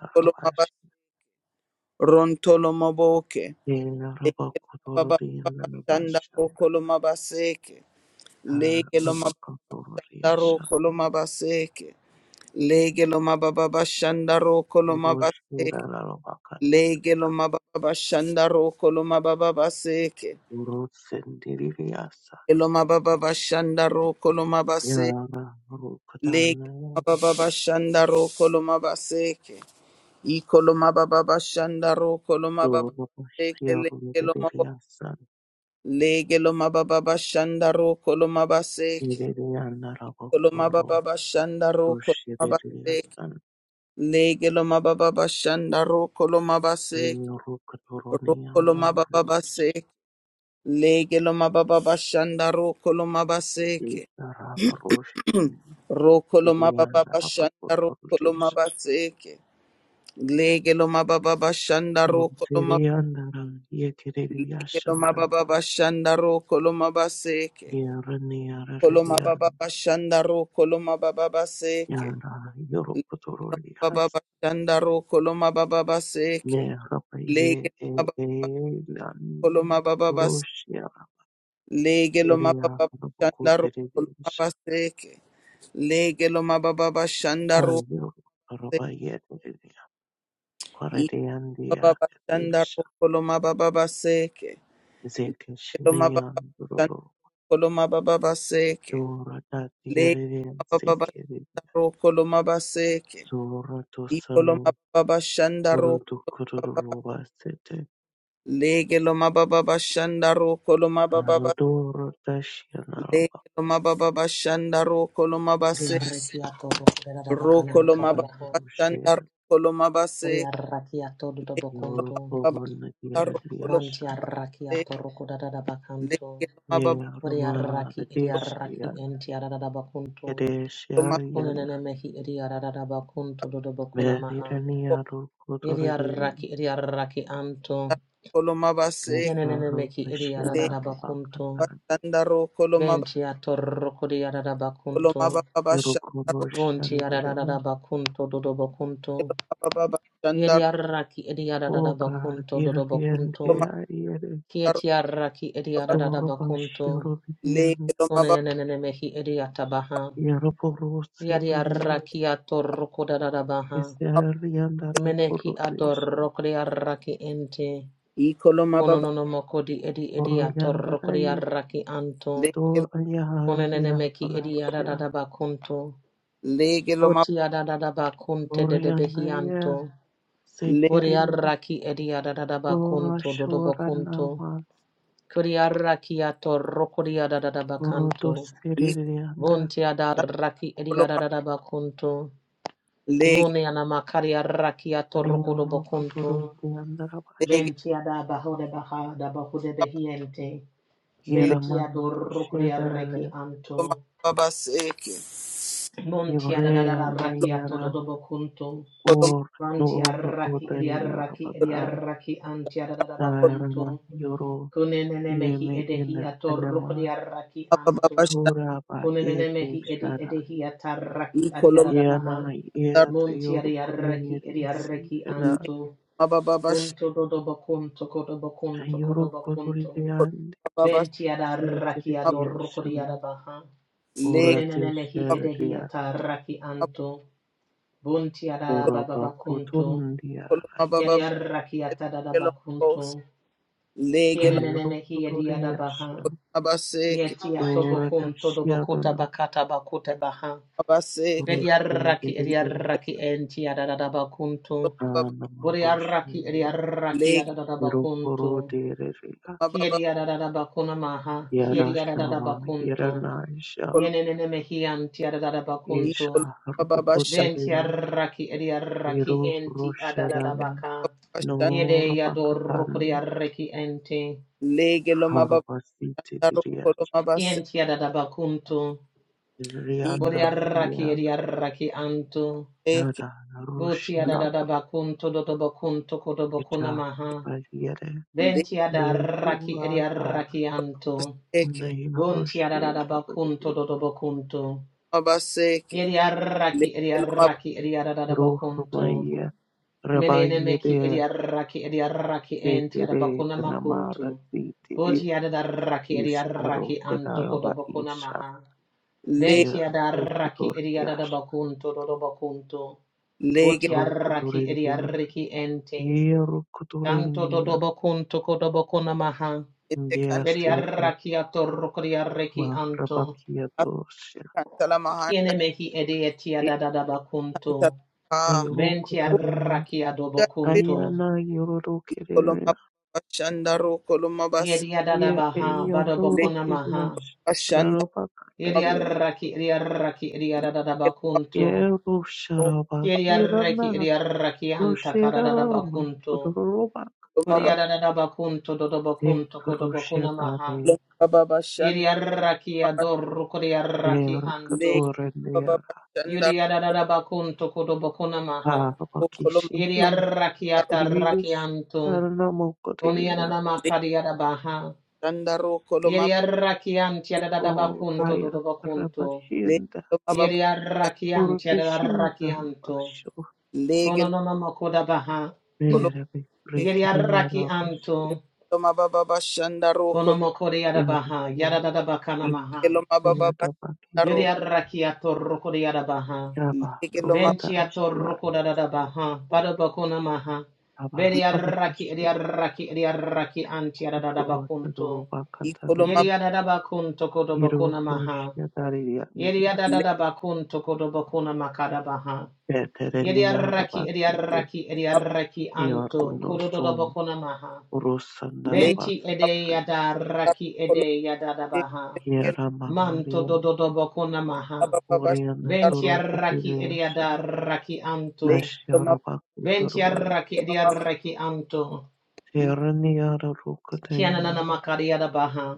Speaker 1: Ikolo mabas rontolo maboke. Baba shanda
Speaker 2: Yenarobakodoriyandravashiyara
Speaker 1: rokolo mabaseke. Lege lo mabanda
Speaker 2: Robakapurya
Speaker 1: rokolo mabaseke. Lege lo mababa shanda rokolo
Speaker 2: Shanturushura
Speaker 1: mabaseke. Lege
Speaker 2: Larobakatanya
Speaker 1: lo mababa shanda rokolo mababa seke.
Speaker 2: Urusendiriasa
Speaker 1: Elo mababa shanda rokolo mabaseke.
Speaker 2: Yara Rukadana
Speaker 1: Lege
Speaker 2: Yara
Speaker 1: mababa shanda rokolo mabaseke. Ikolo mababa shanda rokolo mababa seke.
Speaker 2: Surabashirundiriasa
Speaker 1: Lege lo mababa bashanda ro kolo mabaseke.
Speaker 2: Iriana
Speaker 1: Kolo
Speaker 2: Rabakuru
Speaker 1: mababa bashanda ro kolo mabaseke.
Speaker 2: Rushiririasa
Speaker 1: Lege lo mababa bashanda ro kolo mabaseke. Ro kolo
Speaker 2: Yurukaturoniana
Speaker 1: mababa
Speaker 2: Rushi
Speaker 1: baseke. Lege lo mababa bashanda ro kolo mabaseke.
Speaker 2: Rabarushin
Speaker 1: ro kolo mababa
Speaker 2: Iriana
Speaker 1: bashanda ro kolo
Speaker 2: Rabakuturis
Speaker 1: mabaseke. Lege lo mababa bashanda ro kolo mabaseke.
Speaker 2: Rutiriana
Speaker 1: Lege lo
Speaker 2: Yakiriasanda
Speaker 1: mababa bashanda ro kolo mabaseke. Koloma baba
Speaker 2: Yaraniara
Speaker 1: bashanda koloma baba baseke.
Speaker 2: Yana
Speaker 1: Leloma baba
Speaker 2: Yorokotorias
Speaker 1: bashanda koloma baba baseke.
Speaker 2: Merapaye
Speaker 1: Lege baba
Speaker 2: Elan
Speaker 1: koloma baba bas.
Speaker 2: Roshia
Speaker 1: Lege loma
Speaker 2: Deria
Speaker 1: baba bashanda koloma
Speaker 2: Robocoterevisha
Speaker 1: baseke. Lege loma baba bashanda
Speaker 2: Ayur
Speaker 1: se.
Speaker 2: Rabayet
Speaker 1: Iko baba
Speaker 2: Quaradiandia
Speaker 1: bashanda
Speaker 2: Yesha
Speaker 1: koloma baba baseke. Lege loma baba
Speaker 2: Zekeshinian
Speaker 1: bashanda
Speaker 2: Rolo
Speaker 1: koloma baba baseke.
Speaker 2: Dora
Speaker 1: Lege
Speaker 2: Tatiarian
Speaker 1: loma baba
Speaker 2: Sekiri
Speaker 1: bashanda koloma baseke.
Speaker 2: Sora
Speaker 1: Iko loma
Speaker 2: Tosanu
Speaker 1: baba bashanda
Speaker 2: Urdu Kuruba Sete
Speaker 1: Lege lo mababa bashanda roko lo mababa ba-
Speaker 2: Anodora
Speaker 1: lege
Speaker 2: Tashianaraba
Speaker 1: lo mababa bashanda roko lo mabase
Speaker 3: Riarrekiato da bakana
Speaker 1: roko lo
Speaker 3: makara
Speaker 1: mababa
Speaker 3: bako.
Speaker 1: bashanda
Speaker 2: Yana
Speaker 1: roko lo mabase
Speaker 3: Riarrakiato do
Speaker 1: lege lo
Speaker 3: bokunto.
Speaker 1: mababa
Speaker 2: Yorubun
Speaker 1: bashanda roko lo
Speaker 3: Banti
Speaker 2: Yeradiashan
Speaker 1: mabase
Speaker 3: arrakiato rokoda da bakanto.
Speaker 1: lege lo mababa
Speaker 2: Yerma
Speaker 3: Riarraki riarraki
Speaker 2: Radishian
Speaker 3: enti arada bakunto.
Speaker 1: lo mabase
Speaker 2: Kedesharian
Speaker 3: Onenene mehi riarada bakunto dodo bokuna maha.
Speaker 2: Merirania Rukuturian
Speaker 3: Riarraki riarraki anto.
Speaker 1: roko lo mabase
Speaker 3: Yenenene
Speaker 2: Nazaru
Speaker 3: meki
Speaker 1: lege
Speaker 2: Peshiara
Speaker 3: riarada bakunto.
Speaker 2: Bakatari
Speaker 1: bashanda roko lo mababa
Speaker 3: Benti atorroko riarada
Speaker 1: lo
Speaker 3: bakunto.
Speaker 1: mababa bashanda roko
Speaker 3: Bonti
Speaker 2: Yerukurushan
Speaker 3: arada
Speaker 2: Yerada
Speaker 3: bakunto dodo bokunto.
Speaker 1: lo mababa bashanda roko
Speaker 3: Yediaraki ediarada
Speaker 2: Ogar
Speaker 3: bakunto dodo
Speaker 2: Yerdian
Speaker 1: lo
Speaker 3: bakunto.
Speaker 1: mababa
Speaker 2: Yere
Speaker 1: roko
Speaker 3: Kietiaraki
Speaker 1: lo mabase
Speaker 3: ediarada
Speaker 2: Yoruban
Speaker 3: bakunto.
Speaker 1: lege
Speaker 2: Shirudian
Speaker 1: lo mababa
Speaker 3: Onenenemehi ediatabaha.
Speaker 2: Yerupurus Sedias
Speaker 3: Yediaraki atoroko dadadabaha.
Speaker 2: Isarian
Speaker 3: Meneki
Speaker 2: Darakurushan
Speaker 3: adorokriaraki ente.
Speaker 1: iko lo mababa
Speaker 3: Ononomoko di edi
Speaker 2: Oroyan Darai
Speaker 3: ediatorokriaraki anto.
Speaker 1: lege
Speaker 2: To
Speaker 1: lo
Speaker 2: Ayaria
Speaker 3: Onenenemeki ediarada bakunto.
Speaker 1: lege lo
Speaker 3: Botiadada bakunte
Speaker 2: Glorianaya
Speaker 3: dedebehianto.
Speaker 1: mababa
Speaker 2: Sekirindi
Speaker 3: Boriaraki ediarada
Speaker 2: Gora
Speaker 3: bakunto dodo bakunto.
Speaker 2: Shoranama
Speaker 3: Kuriara kiato rokuriara da da
Speaker 2: Oroto
Speaker 3: bakanto.
Speaker 2: Seririanda
Speaker 3: Vontiada raki ediara
Speaker 1: Koloma
Speaker 3: da da
Speaker 1: lege
Speaker 3: Muniana makaria rakiato rokodo
Speaker 2: Nero
Speaker 3: bakunto.
Speaker 2: Kuturu Diandarabash
Speaker 1: lege
Speaker 3: Ventiada bahode baha da bahude behiente.
Speaker 1: lege
Speaker 2: Giraman
Speaker 3: Mentiado rokuria
Speaker 2: Shedarale
Speaker 3: reki
Speaker 1: koloma
Speaker 3: anto.
Speaker 1: baba seke.
Speaker 3: Montiada da
Speaker 2: Ivrea
Speaker 3: rakiato do
Speaker 2: Nayara
Speaker 3: do
Speaker 1: Koloma
Speaker 2: Or Nor
Speaker 3: Vantiaraki ediaraki
Speaker 2: Otaniarabakai
Speaker 3: ediaraki antiada da da
Speaker 1: koloma
Speaker 2: Darama Yoro
Speaker 3: Kunene mehi
Speaker 2: Yeme Ina
Speaker 3: edehiato
Speaker 2: Anema
Speaker 3: rokuriara
Speaker 1: koloma baba
Speaker 3: anto.
Speaker 1: basha.
Speaker 2: Toraba Yete
Speaker 3: Kunenenemehi edi
Speaker 2: Shara
Speaker 3: edehi
Speaker 1: I
Speaker 3: ataraki
Speaker 1: koloma
Speaker 3: adiarabaha.
Speaker 2: Yana
Speaker 1: dar
Speaker 2: Yata
Speaker 3: Monti
Speaker 2: Yoro
Speaker 3: adiaraki
Speaker 2: Kunirisi
Speaker 3: ediaraki
Speaker 2: Ena
Speaker 1: lege
Speaker 3: anto.
Speaker 1: baba baba basha.
Speaker 3: Unto dodobacunto codobacunto
Speaker 2: Ayoro
Speaker 3: codobacunto.
Speaker 1: Koloma baba basha
Speaker 3: Venti adaraki
Speaker 2: Simitiridia
Speaker 3: adoroko
Speaker 2: Shama
Speaker 3: diarabaha.
Speaker 2: ora
Speaker 1: lege
Speaker 3: Yenenenemehi
Speaker 1: baba
Speaker 3: edehi
Speaker 2: Sheridia
Speaker 3: ataraki
Speaker 1: baba
Speaker 3: anto. Bunti
Speaker 2: Uraba
Speaker 3: adababacunto.
Speaker 2: Kotorundia
Speaker 1: koloma baba baba
Speaker 3: Yadiaraki
Speaker 1: lege koloma bos
Speaker 3: atadabacunto.
Speaker 1: lege koloma
Speaker 2: Ayuro
Speaker 3: Kienenenemehi
Speaker 2: Kotoria
Speaker 3: ediadabaha.
Speaker 2: Sham
Speaker 1: baba seke
Speaker 3: Yeti
Speaker 2: Urata
Speaker 3: atobocunto dobocota
Speaker 2: Shianama
Speaker 3: bacata bacota baha.
Speaker 1: baba seke
Speaker 2: Urustin
Speaker 3: Bediarraki
Speaker 2: Dirigia
Speaker 3: ediarraki enti adadadabakuntu.
Speaker 1: baba
Speaker 2: Anama
Speaker 3: Buriarraki
Speaker 2: Roshandia
Speaker 3: ediarraki
Speaker 1: lege
Speaker 3: adadadabakuntu.
Speaker 2: Yurokoro Dirigia
Speaker 1: baba baba
Speaker 3: Kiedi adadadabakuna maha.
Speaker 2: Yara
Speaker 3: Kiedi
Speaker 2: Shama
Speaker 3: adadadabakuntu.
Speaker 2: Yaranaisha
Speaker 1: koloma
Speaker 3: Yenene mehianti
Speaker 1: i
Speaker 3: adadadabakuntu.
Speaker 2: Isha
Speaker 1: koloma baba basha
Speaker 2: Rupoterin
Speaker 3: Ventiarraki ediarraki
Speaker 2: Miru
Speaker 3: enti
Speaker 2: Rosharan
Speaker 3: adadadabaka.
Speaker 1: baba basha
Speaker 3: Yede
Speaker 2: Norabakatan
Speaker 3: yadorukuriarraki enti.
Speaker 1: lege loma baba
Speaker 2: Harvasti
Speaker 1: dar koloma baba
Speaker 3: Kienti adadabakuntu.
Speaker 1: seke i koloma
Speaker 2: Rianda
Speaker 3: Buriarraki
Speaker 2: ya
Speaker 3: ediarraki antu.
Speaker 1: seke
Speaker 2: yada
Speaker 3: Botiadada
Speaker 2: rushiraba
Speaker 3: bakun tododo bakun tokodo bakuna
Speaker 2: ija
Speaker 3: maha.
Speaker 2: bagire
Speaker 1: lege
Speaker 3: Ventiada raki edia
Speaker 2: yevurada
Speaker 1: koloma
Speaker 3: rakianto.
Speaker 1: baba seke.
Speaker 2: neyaroshi
Speaker 3: Buntiadada bakun tododo bakunto.
Speaker 1: mabaseke
Speaker 3: Edia raki edia
Speaker 1: legelo maba
Speaker 3: bakunto.
Speaker 2: rohmaya
Speaker 3: Menene meki
Speaker 2: rabayede
Speaker 3: edia raki enti raki entiada
Speaker 2: tetere
Speaker 3: bakuna makunto.
Speaker 2: namara titire
Speaker 3: Botiadada raki edia
Speaker 2: is aro
Speaker 3: anto kodo
Speaker 2: gadalava
Speaker 3: bakuna
Speaker 2: isa
Speaker 3: maha.
Speaker 1: le
Speaker 2: ya
Speaker 3: Ventiada raki
Speaker 2: rukutor
Speaker 3: edia dada
Speaker 2: yas
Speaker 3: bakunto dodo bakunto.
Speaker 1: lege
Speaker 3: Botiaraki
Speaker 2: rukutorin yanda
Speaker 3: idiariki ente.
Speaker 2: ye
Speaker 3: Kanto
Speaker 2: rukutorin ya
Speaker 3: dodobo kunto kodobo konamaha.
Speaker 1: ete
Speaker 2: ndia
Speaker 1: kanta
Speaker 3: Beri
Speaker 2: sete
Speaker 3: arraki atorrokori arreki
Speaker 2: ma
Speaker 3: anto.
Speaker 2: rabakia dosya
Speaker 1: kanta la mahanda
Speaker 3: Kiene mehi ede etia
Speaker 1: e
Speaker 3: dadadaba kunto.
Speaker 1: kanta la ha
Speaker 2: ye
Speaker 3: Benti
Speaker 2: rukutorin
Speaker 3: arraki adobo
Speaker 1: uga te
Speaker 3: kunto.
Speaker 2: Ayana yororo
Speaker 1: kolo
Speaker 2: kerelea
Speaker 1: mabashanda ro kolo mabase
Speaker 3: Yedi
Speaker 2: ye
Speaker 3: adadabaha badobo
Speaker 1: le
Speaker 2: eyandoro kerias
Speaker 3: konamaha.
Speaker 1: bashanda
Speaker 2: adaropa
Speaker 3: Yedi
Speaker 2: kataria
Speaker 3: arraki edi arraki edi adadaba
Speaker 1: mabelo
Speaker 2: ye
Speaker 3: kunto.
Speaker 1: mabaro
Speaker 2: rusharaba
Speaker 3: Yedi arraki
Speaker 2: kirana
Speaker 3: edi arraki anta karadadaba
Speaker 2: rusherarama
Speaker 3: kunto.
Speaker 2: odoroba
Speaker 1: kolo
Speaker 2: kata
Speaker 3: Kodi
Speaker 1: mabalo
Speaker 3: adadaba kunto dodobo
Speaker 2: de
Speaker 3: kunto kodobo konamaha.
Speaker 2: rushetare
Speaker 3: Yedi
Speaker 1: mababashanda
Speaker 3: arraki
Speaker 1: maba
Speaker 3: adorrokori
Speaker 2: de
Speaker 3: arraki
Speaker 1: lege
Speaker 3: anto.
Speaker 2: katorenea
Speaker 1: mababashanda
Speaker 3: Yuriarara
Speaker 1: ro
Speaker 3: bakunto kodo bokuna maha.
Speaker 2: araba
Speaker 1: kolo
Speaker 2: kishiti
Speaker 1: mabaro
Speaker 3: Yiriarakiata
Speaker 2: kiriyes
Speaker 3: rakianto.
Speaker 2: taranamo koteria
Speaker 3: Konianana
Speaker 1: le
Speaker 3: makariara baha.
Speaker 1: shanda ro kolo mabaro
Speaker 2: o
Speaker 3: Yiriarakiantiarada bakunto
Speaker 2: haya
Speaker 3: dodo bakunto.
Speaker 1: le
Speaker 2: rabashinda
Speaker 1: kolo mababa
Speaker 3: Yiriarakiantiarada
Speaker 2: urteshinda
Speaker 3: rakianto.
Speaker 2: rabasho
Speaker 1: lege
Speaker 3: Kononono makoda baha.
Speaker 2: Merebe rekening arabas
Speaker 3: Yiriarakianto.
Speaker 1: kolo mababa shanda
Speaker 3: Konomokoriara baha.
Speaker 2: Yarabwa
Speaker 3: Yarada bakana maha.
Speaker 1: Legeloma baba basharo
Speaker 2: Rikuyatabakidia
Speaker 3: Yiriarakiato rokoriara baha.
Speaker 2: Yaba
Speaker 1: legeloma
Speaker 3: Ventia
Speaker 2: Rokudashya
Speaker 3: torroco da da da baha, badabacona maha,
Speaker 2: Yaba
Speaker 3: bediarraki,
Speaker 2: Habakushya
Speaker 3: ediarraki, raki eria raki, antia da da da
Speaker 2: Utoro
Speaker 3: bacunto,
Speaker 2: Taruba
Speaker 1: ikoloma
Speaker 2: Katarania
Speaker 3: yedia da da bacunto
Speaker 2: Iru
Speaker 3: codobacona maha,
Speaker 2: Furushya Dariya
Speaker 3: yedia
Speaker 2: India
Speaker 3: da da
Speaker 1: legeloma
Speaker 3: da bacunto codobacona macada baha,
Speaker 2: Veterania
Speaker 3: yediarraki,
Speaker 2: Rabakite
Speaker 3: ediarraki, raki eria raki, anto,
Speaker 2: Yaruno Sum
Speaker 3: cododobacona maha,
Speaker 2: Urusandarabaka
Speaker 3: venti
Speaker 1: legeloma
Speaker 3: ede yada raki
Speaker 1: koloma
Speaker 3: ede yada da baha,
Speaker 1: legeloma
Speaker 3: manto
Speaker 2: Yaramahariya
Speaker 3: dodobacona maha,
Speaker 1: baba
Speaker 2: Oriana
Speaker 1: basharo
Speaker 3: ventia raki, eria
Speaker 2: Turukatiriasha
Speaker 3: da raki anto,
Speaker 1: legeloma
Speaker 2: Ashyarabakuturui
Speaker 3: Ventiarraki
Speaker 1: koloma
Speaker 3: ediarraki anto.
Speaker 1: ik
Speaker 2: Terania Rukatanian
Speaker 3: Kianana makariada baha.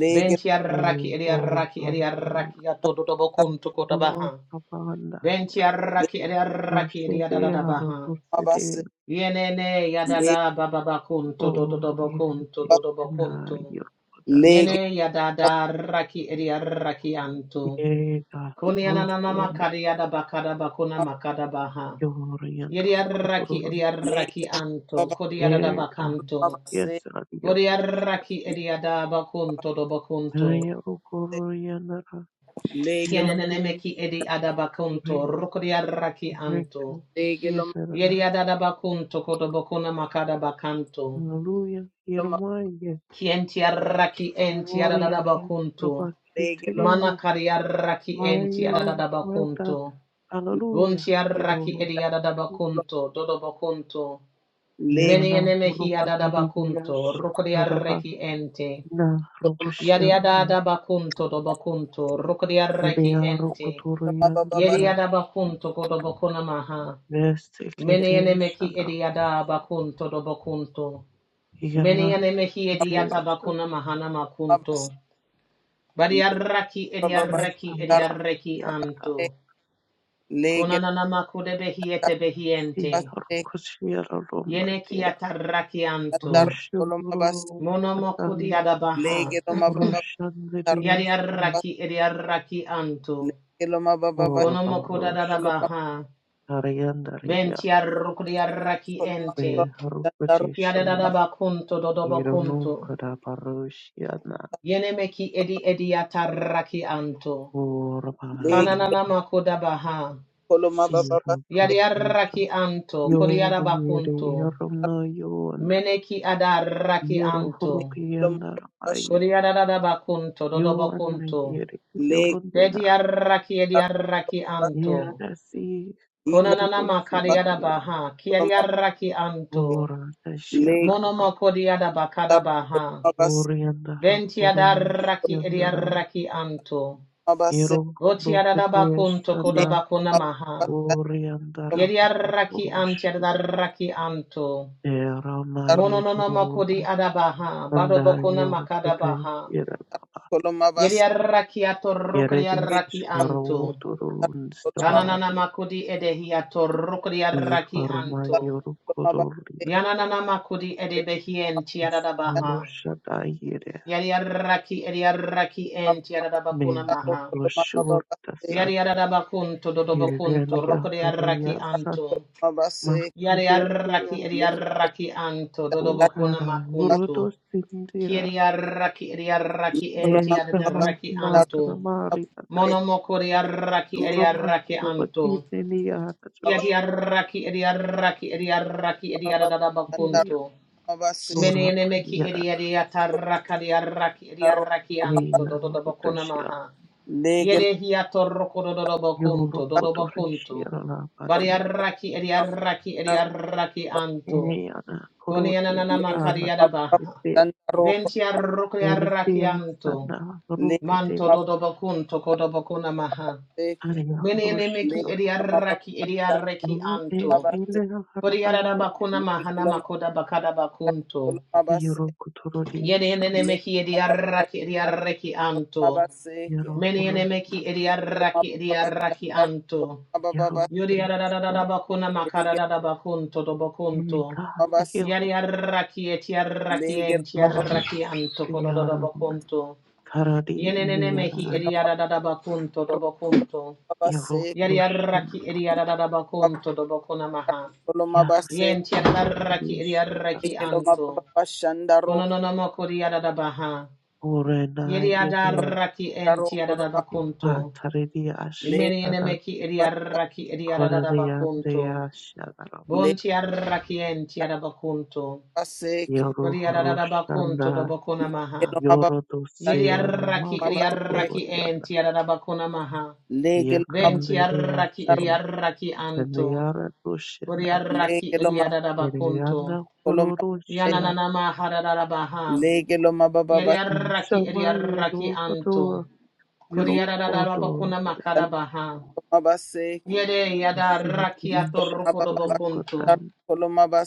Speaker 1: legeloma
Speaker 2: O
Speaker 3: Ventiarraki
Speaker 2: O
Speaker 3: ediarraki
Speaker 2: Parpaya
Speaker 3: ediarraki atodobokunto kotabaha.
Speaker 2: Ro kabanda ya
Speaker 3: Ventiarraki ediarraki
Speaker 2: roshede
Speaker 3: ediadada baha.
Speaker 1: legeloma bas
Speaker 2: harobursede
Speaker 3: Yenene yadada bababakunto
Speaker 2: o ye
Speaker 3: dodobokunto
Speaker 1: legeloma
Speaker 2: na
Speaker 3: dodobokunto.
Speaker 2: yo daralo
Speaker 3: Yene
Speaker 1: legeloma
Speaker 3: yadada raki ediarraki anto.
Speaker 2: ye ka
Speaker 3: Kunianana
Speaker 2: roshenda
Speaker 3: makariada bakada bakuna makada baha.
Speaker 2: yoriyanda
Speaker 3: Yediarraki
Speaker 2: rukotororo
Speaker 3: ediarraki
Speaker 1: legeloma
Speaker 3: anto.
Speaker 1: baba
Speaker 3: Kodiadada
Speaker 2: ye ka
Speaker 3: bakanto.
Speaker 1: baba se
Speaker 2: yes adi
Speaker 3: Bodi
Speaker 2: yorkotoshta
Speaker 3: Bodiaraki edi adabacunto dobacunto.
Speaker 2: na ya rukoroyanda ra
Speaker 1: legeloma
Speaker 3: Kienenemeki
Speaker 2: irotish
Speaker 3: edi
Speaker 2: re
Speaker 3: adabacunto, rucodiaraki anto.
Speaker 2: gretu
Speaker 1: legeloma
Speaker 3: Yedi
Speaker 2: yeterna
Speaker 3: adabacunto codobacuna macadabacanto.
Speaker 2: hallelujah yermaye
Speaker 3: Kientiaraki enti
Speaker 2: oriyanda
Speaker 3: adabacunto.
Speaker 1: legeloma legeloma
Speaker 2: robakitirevish
Speaker 3: Manacariaraki enti
Speaker 2: mayo rata
Speaker 3: adabacunto.
Speaker 2: hallelujah
Speaker 3: Buntiaraki edi adabacunto, dodobacunto. Meni
Speaker 2: Yerona
Speaker 3: enemehi adabacunto,
Speaker 2: Rokotorias Rabana
Speaker 3: rucodiaraki ente.
Speaker 1: legeloma
Speaker 3: Yadiada
Speaker 2: Rokoshana
Speaker 3: bakunto do bakunto, rukodiaraki
Speaker 2: Iria
Speaker 3: ente.
Speaker 1: baba baba
Speaker 2: Rokotoriandara
Speaker 3: Yediada bakunto kodo bakuna maha. Meniene meki
Speaker 2: Vesteketesana
Speaker 3: ediada bakunto do bakunto.
Speaker 2: Yerona
Speaker 3: Meniene mehi ediata
Speaker 2: Kutesa
Speaker 3: bakuna mahana
Speaker 1: baba se
Speaker 3: makunto. Badiaraki
Speaker 1: baba baba
Speaker 3: ediaraki
Speaker 1: sharo
Speaker 2: Yasambaba
Speaker 3: ediaraki
Speaker 2: Yakada
Speaker 3: anto.
Speaker 1: legeloma
Speaker 3: Kunanana makude behiete
Speaker 2: Si
Speaker 3: behiente.
Speaker 2: Rokoshira
Speaker 3: Yene
Speaker 2: Romati
Speaker 3: kiataraki anto.
Speaker 1: Andaro koloma bas
Speaker 2: Roshuru
Speaker 3: Monomokudi
Speaker 2: Katan
Speaker 3: adabaha.
Speaker 1: lege loma baba andaro
Speaker 2: Roshandrias
Speaker 1: bas
Speaker 3: Yadiaraki ediaraki anto.
Speaker 1: lege loma baba bas
Speaker 2: Orba
Speaker 3: Bonomoko da da da
Speaker 1: koloma
Speaker 2: Roshada Ariandaria
Speaker 3: Ventia rukuria raki
Speaker 1: koloma
Speaker 3: ente.
Speaker 1: baba andaro
Speaker 3: Kia da da
Speaker 2: Beharukotishin
Speaker 1: koloma
Speaker 3: da
Speaker 1: bas
Speaker 3: bakunto do
Speaker 2: Ironu Kadabarushiana
Speaker 3: edi edi ataraki anto.
Speaker 1: lege
Speaker 2: Urbarian
Speaker 3: Kananana mako da
Speaker 1: koloma baba bas
Speaker 2: Siro Kabusa
Speaker 3: anto.
Speaker 1: lege
Speaker 2: Yo
Speaker 3: Kodiara
Speaker 2: Yiri
Speaker 3: bakunto.
Speaker 2: Irona Yona
Speaker 3: Meneki adaraki
Speaker 2: Yiro
Speaker 3: anto.
Speaker 1: loma
Speaker 2: Hurukiana
Speaker 1: baba bas
Speaker 2: Aye
Speaker 3: Kodiara da da bakunto do do
Speaker 2: Yona Yiri
Speaker 1: lege
Speaker 2: Yorundina
Speaker 1: andaro bas
Speaker 3: anto.
Speaker 2: Yerasi
Speaker 1: iko
Speaker 3: Konanana
Speaker 1: bas
Speaker 3: makariara
Speaker 2: Yirusindia
Speaker 3: baha.
Speaker 1: koloma bas
Speaker 3: anto.
Speaker 2: Ura
Speaker 1: lege
Speaker 2: Tashatarabaka
Speaker 3: Monomokodiada bakada
Speaker 1: andaro
Speaker 3: baha.
Speaker 1: koloma bas
Speaker 2: Uriandara
Speaker 3: Ventiada
Speaker 2: Kurias
Speaker 3: raki edia
Speaker 2: Yandara
Speaker 3: raki anto.
Speaker 2: Yiro
Speaker 3: Votiada da bakunto koda
Speaker 2: Rupiteshana
Speaker 3: bakuna maha.
Speaker 2: Uriandara
Speaker 3: Yedia raki antiada da
Speaker 2: Bukuturush
Speaker 3: raki anto.
Speaker 2: Eramayeturuluba
Speaker 3: Mononomokodi adabaha. Bado bakuna makada baha.
Speaker 2: Andayerukutenshirana
Speaker 1: koloma bas
Speaker 3: Yedia raki ato rukuria
Speaker 2: Yeredi
Speaker 1: lege
Speaker 3: raki anto. ananana
Speaker 2: Sharoturulunstavarna
Speaker 3: makudi edehi ato rukuria raki anto.
Speaker 1: loma baba bas
Speaker 2: Ifarmayerukurulia
Speaker 3: Yananana makudi edebehien tiada da baha.
Speaker 2: Sirushadayire
Speaker 3: Yariaraki Eriaraki enti Yaradabakuna Maha.
Speaker 1: koloma andaro koloma bas lege loma baba koloma bas koloma bas lege loma baba bas andaro koloma baba bas
Speaker 2: Merodoshurtasan
Speaker 3: Yariarabakun to Dodobakun to
Speaker 1: lege
Speaker 3: Rokodiaraki
Speaker 2: Irvengakariyasan
Speaker 3: Anto.
Speaker 1: babase
Speaker 3: Yariaraki
Speaker 2: Mahriyandriyasu
Speaker 1: leka
Speaker 3: Eriaraki Anto Dodobakuna
Speaker 2: Ukara
Speaker 1: babase
Speaker 3: Makunto.
Speaker 2: Yurudosindira
Speaker 3: Kiriaraki Eriaraki
Speaker 1: kolo
Speaker 3: enti
Speaker 2: Dehrama
Speaker 1: babase
Speaker 3: Yadaraki
Speaker 1: taro
Speaker 3: Anto.
Speaker 2: Makramariana
Speaker 1: babase
Speaker 3: Monomokoriaraki
Speaker 1: leka
Speaker 2: Surma
Speaker 3: Eriaraki Anto.
Speaker 2: Rabakitiniyanatush
Speaker 1: babase
Speaker 3: Yadiaraki Eriaraki Eriaraki
Speaker 1: taro
Speaker 3: Eriaradabakunto.
Speaker 1: babase
Speaker 2: Ora
Speaker 3: Menene meki
Speaker 2: ayera
Speaker 3: Eriaraki Eriaraki
Speaker 1: taro
Speaker 3: Eriaraki Anto
Speaker 2: eyana
Speaker 3: Dodobakuna
Speaker 2: ruteshia
Speaker 3: Maha.
Speaker 1: leka
Speaker 3: Yedehia toroko dodobokunto,
Speaker 2: yoro kotoreshia
Speaker 3: dodobokunto.
Speaker 2: la
Speaker 1: babase
Speaker 2: badia
Speaker 3: Bariaraki, eriaraki,
Speaker 1: taro
Speaker 3: eriaraki anto.
Speaker 2: eyana
Speaker 3: Konianana
Speaker 2: korotea
Speaker 1: leka
Speaker 2: ala
Speaker 3: makariada
Speaker 1: babase
Speaker 3: baha.
Speaker 2: rutea
Speaker 1: taro
Speaker 3: Ventiarokriaraki
Speaker 2: uretea
Speaker 3: anto.
Speaker 2: sana ruketea
Speaker 3: Manto
Speaker 1: leka
Speaker 3: dodobo kunto dodobokunto, kodobokuna maha.
Speaker 1: babase ke
Speaker 2: aria roshia
Speaker 3: Menenemeki,
Speaker 1: leka
Speaker 3: eriaraki,
Speaker 1: babase
Speaker 3: eriaraki
Speaker 2: ro
Speaker 3: anto.
Speaker 2: e
Speaker 3: Kori
Speaker 2: elena
Speaker 3: Koriarada
Speaker 2: harabaia
Speaker 3: bakuna mahana
Speaker 1: taro
Speaker 3: makoda bakada bakunto.
Speaker 1: babase
Speaker 2: yoro kotororia sana
Speaker 3: Yenenemeki,
Speaker 1: leka babase
Speaker 3: eriaraki, eriaraki
Speaker 1: kolo
Speaker 3: anto.
Speaker 1: babase leka babase taro babase ke
Speaker 2: yoro
Speaker 3: Mene enemeki
Speaker 2: roshia
Speaker 3: Menenemeki, eriaraki,
Speaker 1: babase
Speaker 3: eriaraki
Speaker 1: taro
Speaker 3: anto.
Speaker 2: yoro
Speaker 1: babase
Speaker 3: Yuri
Speaker 2: roshia
Speaker 3: yarararara bakuna makararara bakunto do bakunto.
Speaker 2: enega
Speaker 3: Yari arraki et yarraki
Speaker 1: leka babase
Speaker 3: ent
Speaker 1: leka
Speaker 2: yoro
Speaker 3: yarraki anto kodororo
Speaker 2: roshia
Speaker 3: bakunto.
Speaker 2: Karadi
Speaker 3: Yenenene
Speaker 2: Nia
Speaker 1: Legelo
Speaker 3: mehi eri yararara bakunto do bakunto.
Speaker 2: Yaro
Speaker 3: Yari arraki eri yararara bakunto do bakuna maha. Yent yarraki eri
Speaker 2: Yarashtirishta
Speaker 3: yarraki anto. Kononono mokori yararara baha. Yeri
Speaker 2: Orenaiya
Speaker 3: yarraki enti yararara bakunto. Imeni
Speaker 2: Patariyashtara
Speaker 3: yenemeki eri yarraki eri yararara bakunto.
Speaker 2: Koreyandeyashanarava
Speaker 3: Bunti Bon tiarrakien tiarabakunto. Kodiarabacunto
Speaker 2: Yoruhurushana
Speaker 3: dobocona maha.
Speaker 2: Yorodusiyana
Speaker 3: Yeriarraki eriarraki en
Speaker 2: Marukotoriyana
Speaker 3: tiarabacona maha. Ben tiarraki
Speaker 2: Yakandeyasin
Speaker 3: eriarraki anto.
Speaker 2: Teneyara Dushinam
Speaker 3: Boriarraki eriarabacunto.
Speaker 2: Tereyana Kururushya
Speaker 3: Yananana mahararabaha. Yeriarraki
Speaker 2: Inshama
Speaker 3: eriarraki anto.
Speaker 2: Yerohodo Yorohodo
Speaker 3: Kodiarabacuna macarabaha. Yere yadarraki
Speaker 2: Sivitirisha
Speaker 3: atorruco dobocunto.
Speaker 2: Turukotan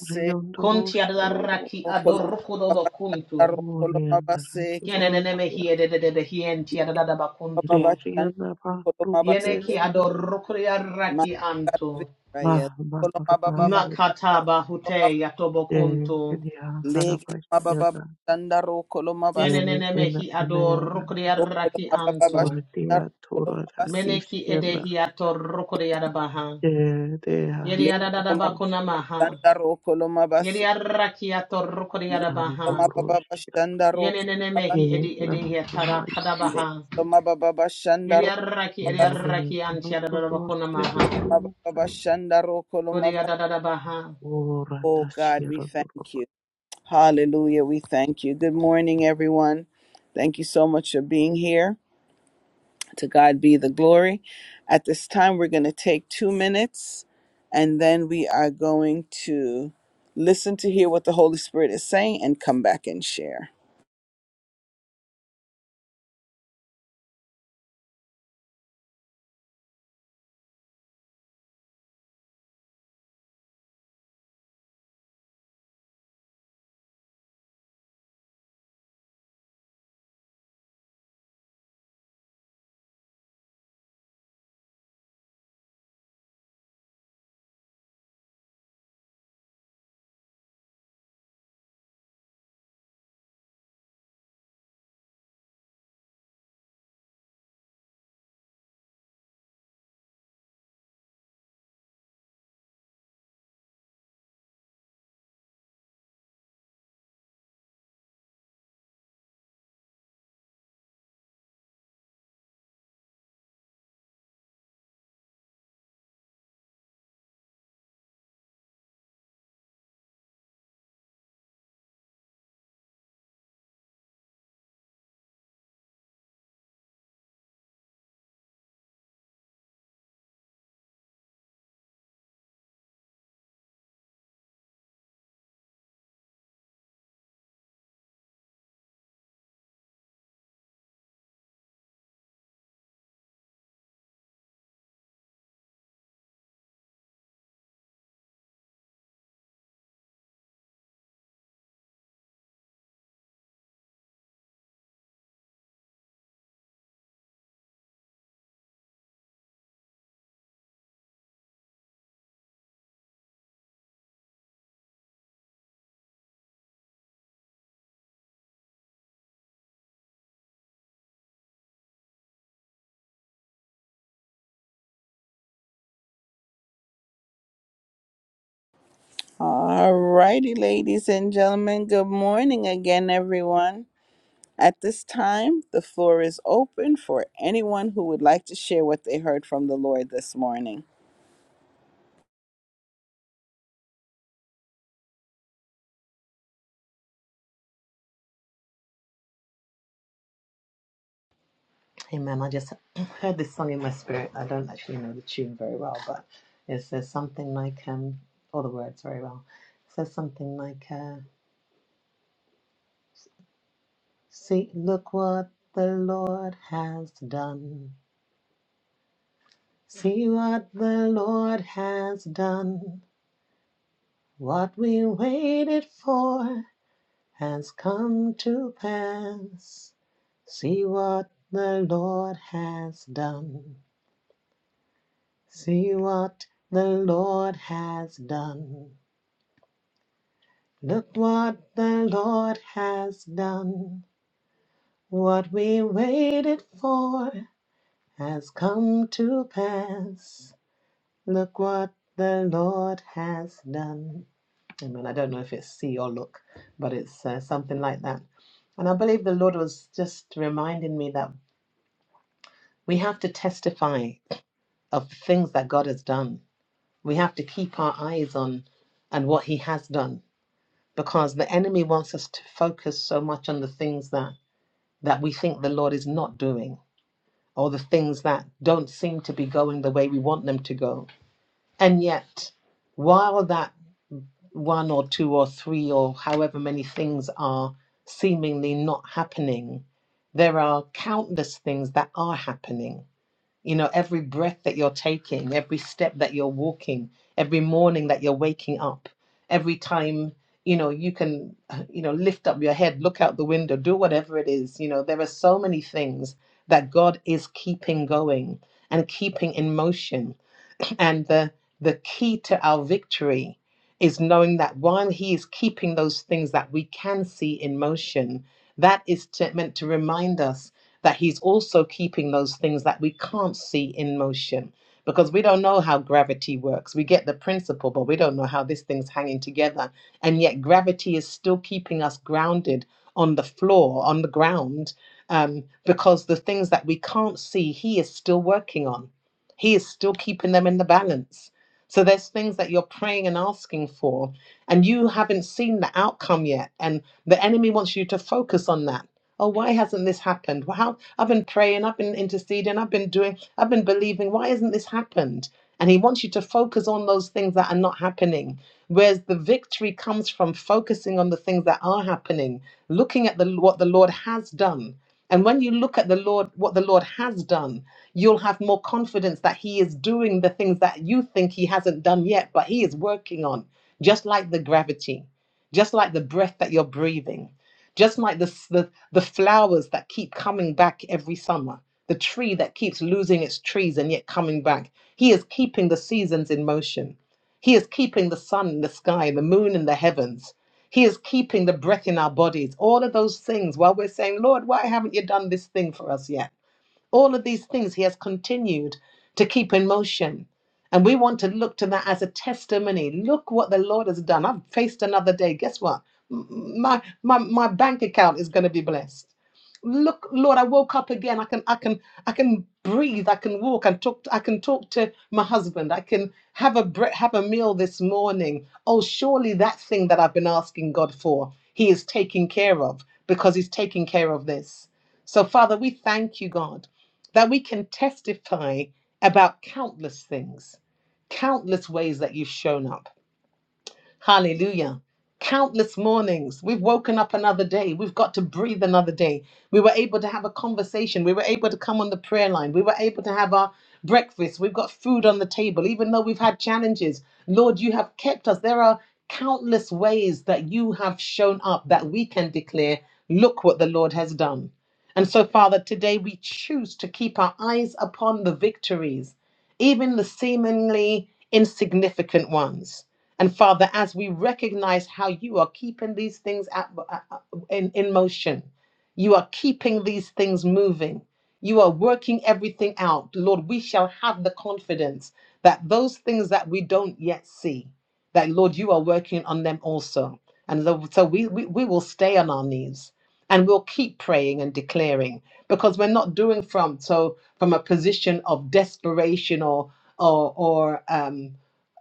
Speaker 2: Riyondorosho
Speaker 3: Contiarraki adorruco dobocunto.
Speaker 2: Orianda
Speaker 3: Kieneneme
Speaker 2: Rantigrosia,
Speaker 3: hiededede hienti adadada bakuntu.
Speaker 2: Ririana
Speaker 3: Yeneki
Speaker 2: Rucoterias,
Speaker 3: adorukriaraki antu.
Speaker 2: Mahma Harmayer,
Speaker 3: Nakataba hute
Speaker 2: De
Speaker 3: yatobokuntu.
Speaker 2: Kenya
Speaker 1: Lege mababa
Speaker 2: Harabasiana,
Speaker 1: shandaro koloma bas
Speaker 2: Yemi
Speaker 3: Kieneneme
Speaker 2: in
Speaker 3: hi
Speaker 2: Anayana,
Speaker 3: adorukriaraki
Speaker 1: koloma baba
Speaker 3: antu.
Speaker 1: shandaro
Speaker 2: Ordia
Speaker 1: koloma
Speaker 2: Torada
Speaker 1: bas
Speaker 3: Meneki
Speaker 2: Visiana,
Speaker 3: edehi atorukriarabaha.
Speaker 2: De De
Speaker 3: Yeri
Speaker 1: lege
Speaker 2: Hayer
Speaker 3: adadada
Speaker 1: mababa
Speaker 2: Pushida,
Speaker 3: bakunamaha.
Speaker 1: shandaro koloma bas
Speaker 3: Yeri araki atorukriarabaha. Yeneneme hi
Speaker 2: In
Speaker 3: edi edehi
Speaker 2: Rumaya,
Speaker 1: lege
Speaker 3: atarakadabaha.
Speaker 1: mababa shandaro koloma bas lege mababa
Speaker 3: Yeri
Speaker 1: shandaro
Speaker 3: araki
Speaker 1: koloma
Speaker 3: edi
Speaker 1: bas lege
Speaker 2: Orianda
Speaker 3: araki anti adadada bakunamaha.
Speaker 2: Rucoterias,
Speaker 1: mababa shandaro koloma
Speaker 3: Kodi
Speaker 1: bas
Speaker 3: adadada baha.
Speaker 1: Oh
Speaker 2: Orata
Speaker 1: God, we
Speaker 2: Sierra
Speaker 1: thank you. Hallelujah, we thank you. Good morning, everyone. Thank you so much for being here. To God be the glory. At this time, we're going to take two minutes and then we are going to listen to hear what the Holy Spirit is saying and come back and share. All righty, ladies and gentlemen, good morning again, everyone. At this time, the floor is open for anyone who would like to share what they heard from the Lord this morning.
Speaker 3: Amen. I just heard this song in my spirit. I don't actually know the tune very well, but it says something like, um, all the words very well. It says something like, uh, see, look what the Lord has done. See what the Lord has done. What we waited for has come to pass. See what the Lord has done. See what the Lord has done. Look what the Lord has done. What we waited for has come to pass. Look what the Lord has done. Amen. I don't know if it's see or look, but it's uh, something like that. And I believe the Lord was just reminding me that we have to testify of the things that God has done. We have to keep our eyes on and what He has done because the enemy wants us to focus so much on the things that that we think the Lord is not doing, or the things that don't seem to be going the way we want them to go. And yet, while that one or two or three or however many things are seemingly not happening, there are countless things that are happening you know, every breath that you're taking, every step that you're walking, every morning that you're waking up, every time, you know, you can, you know, lift up your head, look out the window, do whatever it is. You know, there are so many things that God is keeping going and keeping in motion. And the, the key to our victory is knowing that while He is keeping those things that we can see in motion, that is to, meant to remind us that He's also keeping those things that we can't see in motion. Because we don't know how gravity works. We get the principle, but we don't know how this thing's hanging together. And yet, gravity is still keeping us grounded on the floor, on the ground, um, because the things that we can't see, He is still working on he is still keeping them in the balance. So there's things that you're praying and asking for, and you haven't seen the outcome yet. And the enemy wants you to focus on that. Oh, why hasn't this happened? Well, how I've been praying, I've been interceding, I've been doing, I've been believing. Why hasn't this happened? And he wants you to focus on those things that are not happening. Whereas the victory comes from focusing on the things that are happening, looking at the what the Lord has done. And when you look at the Lord, what the Lord has done, you'll have more confidence that He is doing the things that you think He hasn't done yet, but He is working on, just like the gravity, just like the breath that you're breathing, just like the, s- the, the flowers that keep coming back every summer, the tree that keeps losing its trees and yet coming back. He is keeping the seasons in motion. He is keeping the sun in the sky, the moon in the heavens. He is keeping the breath in our bodies, all of those things while we're saying, Lord, why haven't you done this thing for us yet? All of these things he has continued to keep in motion. And we want to look to that as a testimony. Look what the Lord has done. I've faced another day. Guess what? M- My my my bank account is going to be blessed. Look, Lord, I woke up again. I can I can I can breathe. I can walk. I can talk. To, I can talk to my husband. I can have a bre- have a meal this morning. Oh, surely that thing that I've been asking God for, He is taking care of because He's taking care of this. So, Father, we thank you, God that we can testify about countless things, countless ways that you've shown up Hallelujah. Countless mornings, we've woken up another day. We've got to breathe another day. We were able to have a conversation. We were able to come on the prayer line. We were able to have our breakfast. We've got food on the table, even though we've had challenges. Lord, you have kept us. There are countless ways that you have shown up that we can declare, look what the Lord has done. And so, Father, today we choose to keep our eyes upon the victories, even the seemingly insignificant ones. And Father, as we recognize how you are keeping these things at, uh, uh, in, in motion, you are keeping these things moving, you are working everything out, Lord, we shall have the confidence that those things that we don't yet see, that Lord, you are working on them also. And lo- so we, we, we will stay on our knees and we'll keep praying and declaring because we're not doing from so from a position of desperation or or or um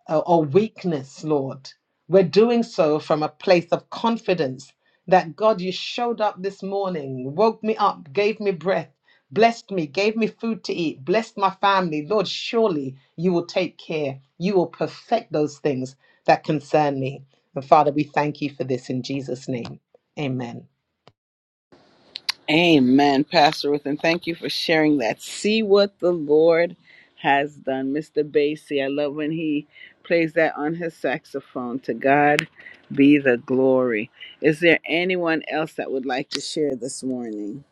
Speaker 3: uh, or weakness, Lord. We're doing so from a place of confidence that God, you showed up this morning, woke me up, gave me breath, blessed me, gave me food to eat, blessed my family. Lord, surely you will take care. You will perfect those things that concern me. And Father, we thank you for this in Jesus' name. Amen.
Speaker 1: Amen, Pastor Ruth, and thank you for sharing that. See what the Lord has done. Mr. Basie, I love when he plays that on his saxophone. To God be the glory. Is there anyone else that would like to share this morning?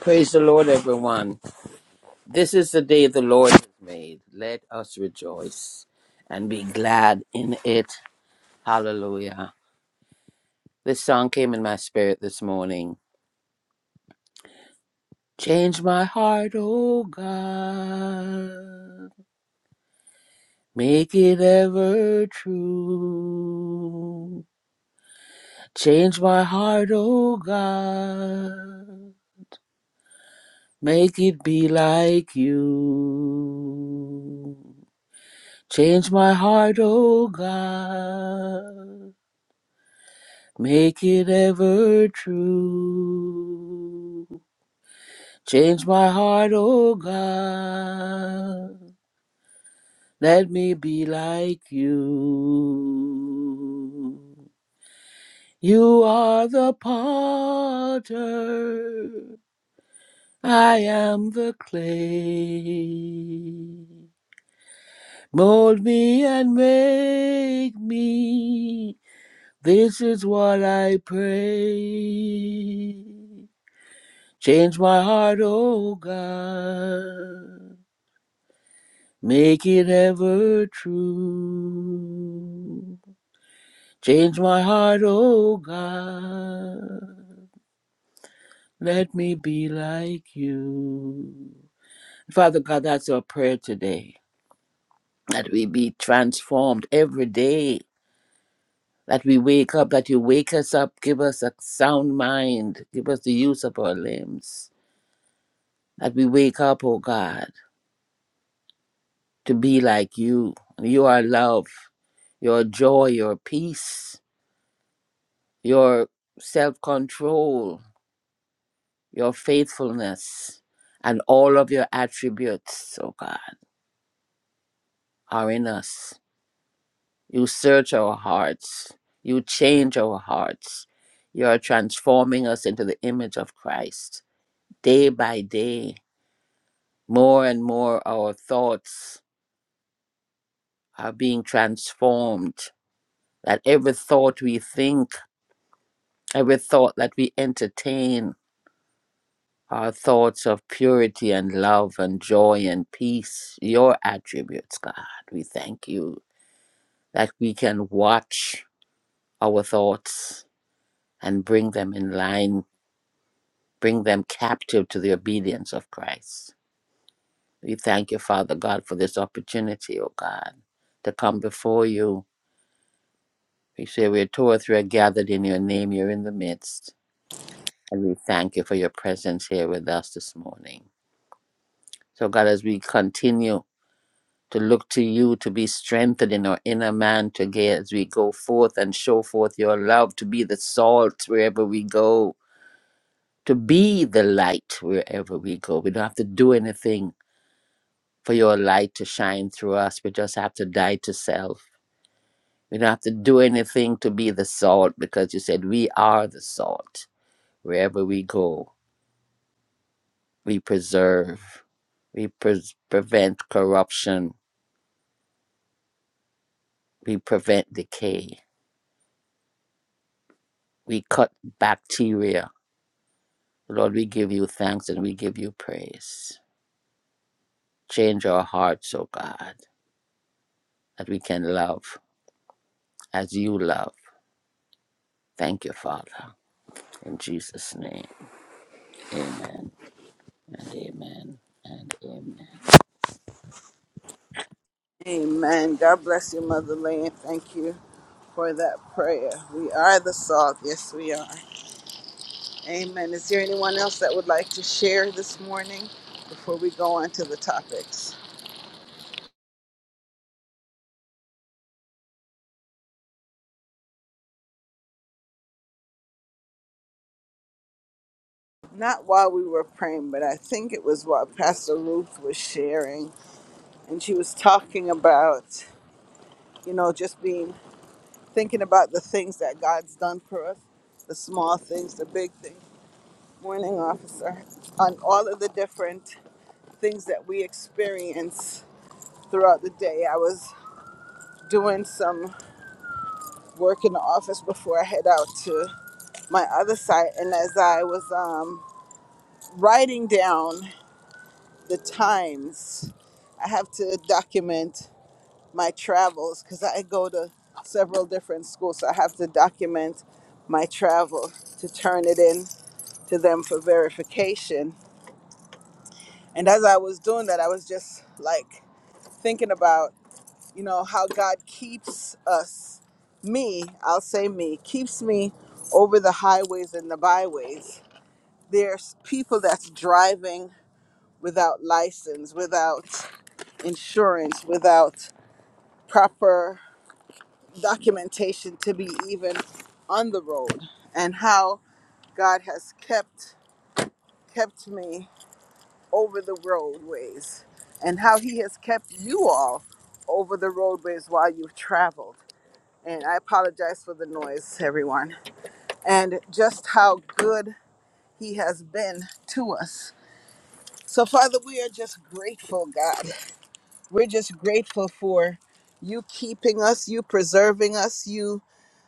Speaker 4: Praise the Lord, everyone. This is the day the Lord has made. Let us rejoice and be glad in it. Hallelujah. This song came in my spirit this morning. Change my heart, O God. Make it ever true. Change my heart, O God. Make it be like you. Change my heart, O God. Make it ever true. Change my heart, O God. Let me be like you. You are the potter. I am the clay. Mold me and make me This is what I pray. Change my heart, O God. Make it ever true. Change my heart, O God. Let me be like you. Father God, that's our prayer today. That we be transformed every day. That we wake up, that you wake us up, give us a sound mind, give us the use of our limbs That we wake up, oh God, to be like you. You are love, your joy, your peace, your self control, your faithfulness, and all of your attributes, oh God, are in us. You search our hearts, you change our hearts. You are transforming us into the image of Christ day by day. More and more, our thoughts are being transformed. That every thought we think, Every thought that we entertain are thoughts of purity and love and joy and peace, your attributes, God. We thank you that we can watch our thoughts and bring them in line, bring them captive to the obedience of Christ. We thank you, Father God, for this opportunity, O God, to come before you. We say we're two or three are gathered in your name, you're in the midst. And we thank you for your presence here with us this morning. So, God, as we continue to look to you to be strengthened in our inner man today, as we go forth and show forth your love, to be the salt wherever we go, to be the light wherever we go. We don't have to do anything for your light to shine through us. We just have to die to self. We don't have to do anything to be the salt because you said we are the salt. Wherever we go, we preserve, we pres prevent corruption, we prevent decay We cut bacteria. Lord, we give you thanks and we give you praise. Change our hearts, O God, that we can love as you love. Thank you, Father. In Jesus' name, amen and amen and amen.
Speaker 1: Amen. God bless you, Mother Lane. Thank you for that prayer. We are the salt. Yes, we are. Amen. Is there anyone else that would like to share this morning before we go on to the topics? not while we were praying, but I think it was while Pastor Ruth was sharing, and she was talking about, you know, just being thinking about the things that God's done for us, the small things, the big things. Morning, officer, on all of the different things that we experience throughout the day. I was doing some work in the office before I head out to my other site, and as I was um, writing down the times I have to document my travels because I go to several different schools. So I have to document my travel to turn it in to them for verification. And as I was doing that, I was just like thinking about, you know, how God keeps us, me, I'll say me, keeps me over the highways and the byways. There's people that's driving without license, without insurance, without proper documentation to be even on the road and how God has kept kept me over the roadways and how he has kept you all over the roadways while you've traveled. And I apologize for the noise, everyone. And just how good he has been to us. So Father, we are just grateful, God. We're just grateful for you keeping us, you preserving us, you